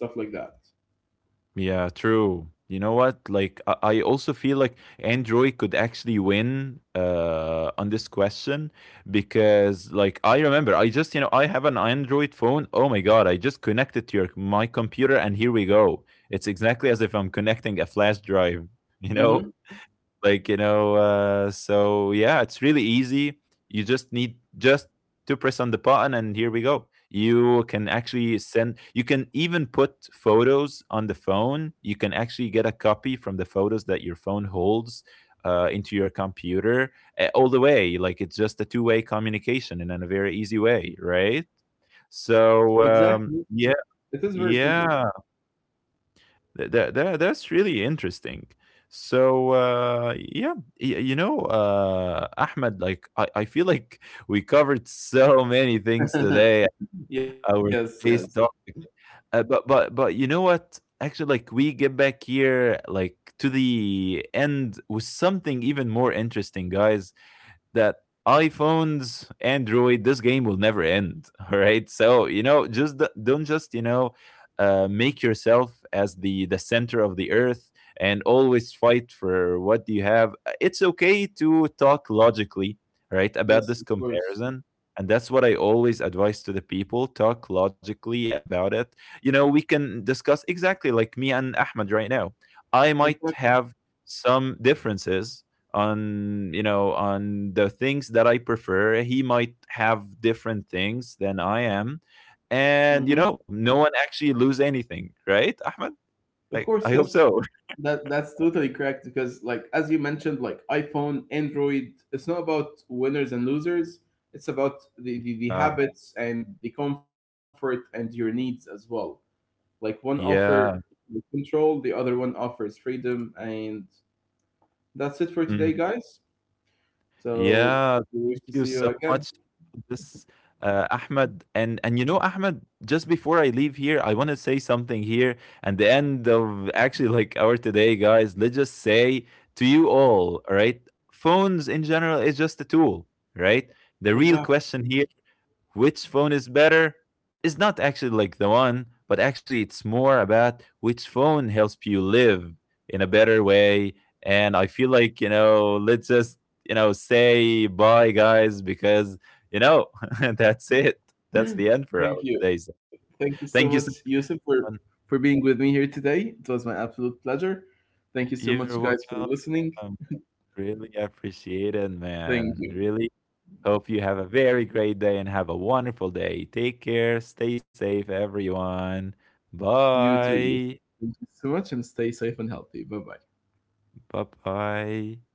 Speaker 2: Yeah, true. You know what? Like, I also feel like Android could actually win on this question because, like, I remember I just, you know, I have an Android phone. Oh my God, I just connected to my computer and here we go. It's exactly as if I'm connecting a flash drive, you know?
Speaker 1: Mm-hmm.
Speaker 2: Like, you know, so yeah, it's really easy. You just need just to press on the button and here we go. You can actually send, you can even put photos on the phone. You can actually get a copy from the photos that your phone holds into your computer all the way. Like, it's just a two-way communication, and in a very easy way, right? So
Speaker 1: Exactly. It
Speaker 2: yeah,
Speaker 1: is very simple.
Speaker 2: yeah. That's really interesting. So yeah, you know, Ahmed, like, I feel like we covered so many things today,
Speaker 1: Yes,
Speaker 2: our
Speaker 1: yes,
Speaker 2: taste topic. But you know what, actually, like, we get back here like to the end with something even more interesting, guys. That iPhones, Android, this game will never end. All right. So, you know, just don't just, you know, make yourself as the center of the earth and always fight for what you have. It's okay to talk logically, right, about
Speaker 1: yes,
Speaker 2: this
Speaker 1: of course.
Speaker 2: comparison. And that's what I always advise to the people. Talk logically about it. You know, we can discuss exactly like me and Ahmed right now. I might
Speaker 1: Exactly.
Speaker 2: have some differences on, you know, on the things that I prefer. He might have different things than I am.
Speaker 1: Mm-hmm.
Speaker 2: And you know, no one actually lose anything, right, Ahmed?
Speaker 1: Of
Speaker 2: Like,
Speaker 1: course,
Speaker 2: I hope
Speaker 1: yes.
Speaker 2: so.
Speaker 1: That that's totally correct because like as you mentioned, like iPhone, Android, it's not about winners and losers. It's about the
Speaker 2: uh,
Speaker 1: habits and the comfort and your needs as well. Like one offer
Speaker 2: yeah.
Speaker 1: control, the other one offers freedom, and that's it for today,
Speaker 2: Mm-hmm.
Speaker 1: guys. So
Speaker 2: Yeah,
Speaker 1: we wish
Speaker 2: thank
Speaker 1: to see
Speaker 2: you
Speaker 1: you
Speaker 2: so
Speaker 1: again.
Speaker 2: much for this, Ahmed. And you know, Ahmed, just before I leave here, I want to say something here. And the end of actually like our today, guys, let's just say to you all right? Phones in general is just a tool, right? The real
Speaker 1: Exactly.
Speaker 2: question here, which phone is better, is not actually like the one, but actually it's more about which phone helps you live in a better way. And I feel like, you know, let's just, you know, say bye, guys, because, you know, that's it. That's the end for our
Speaker 1: Thank you.
Speaker 2: today. So
Speaker 1: Thank you so much,
Speaker 2: thank you
Speaker 1: Yusuf,
Speaker 2: so
Speaker 1: for
Speaker 2: much.
Speaker 1: being with me here today. It was my absolute pleasure. Thank you so much,
Speaker 2: You're
Speaker 1: guys, for listening.
Speaker 2: welcome. Really appreciate it,
Speaker 1: Thank
Speaker 2: man.
Speaker 1: you.
Speaker 2: Really. Hope you have a very great day and have a wonderful day. Take care. Stay safe, everyone.
Speaker 1: You too. You.
Speaker 2: Bye.
Speaker 1: Thank you so much and stay safe and healthy. Bye bye.
Speaker 2: Bye bye.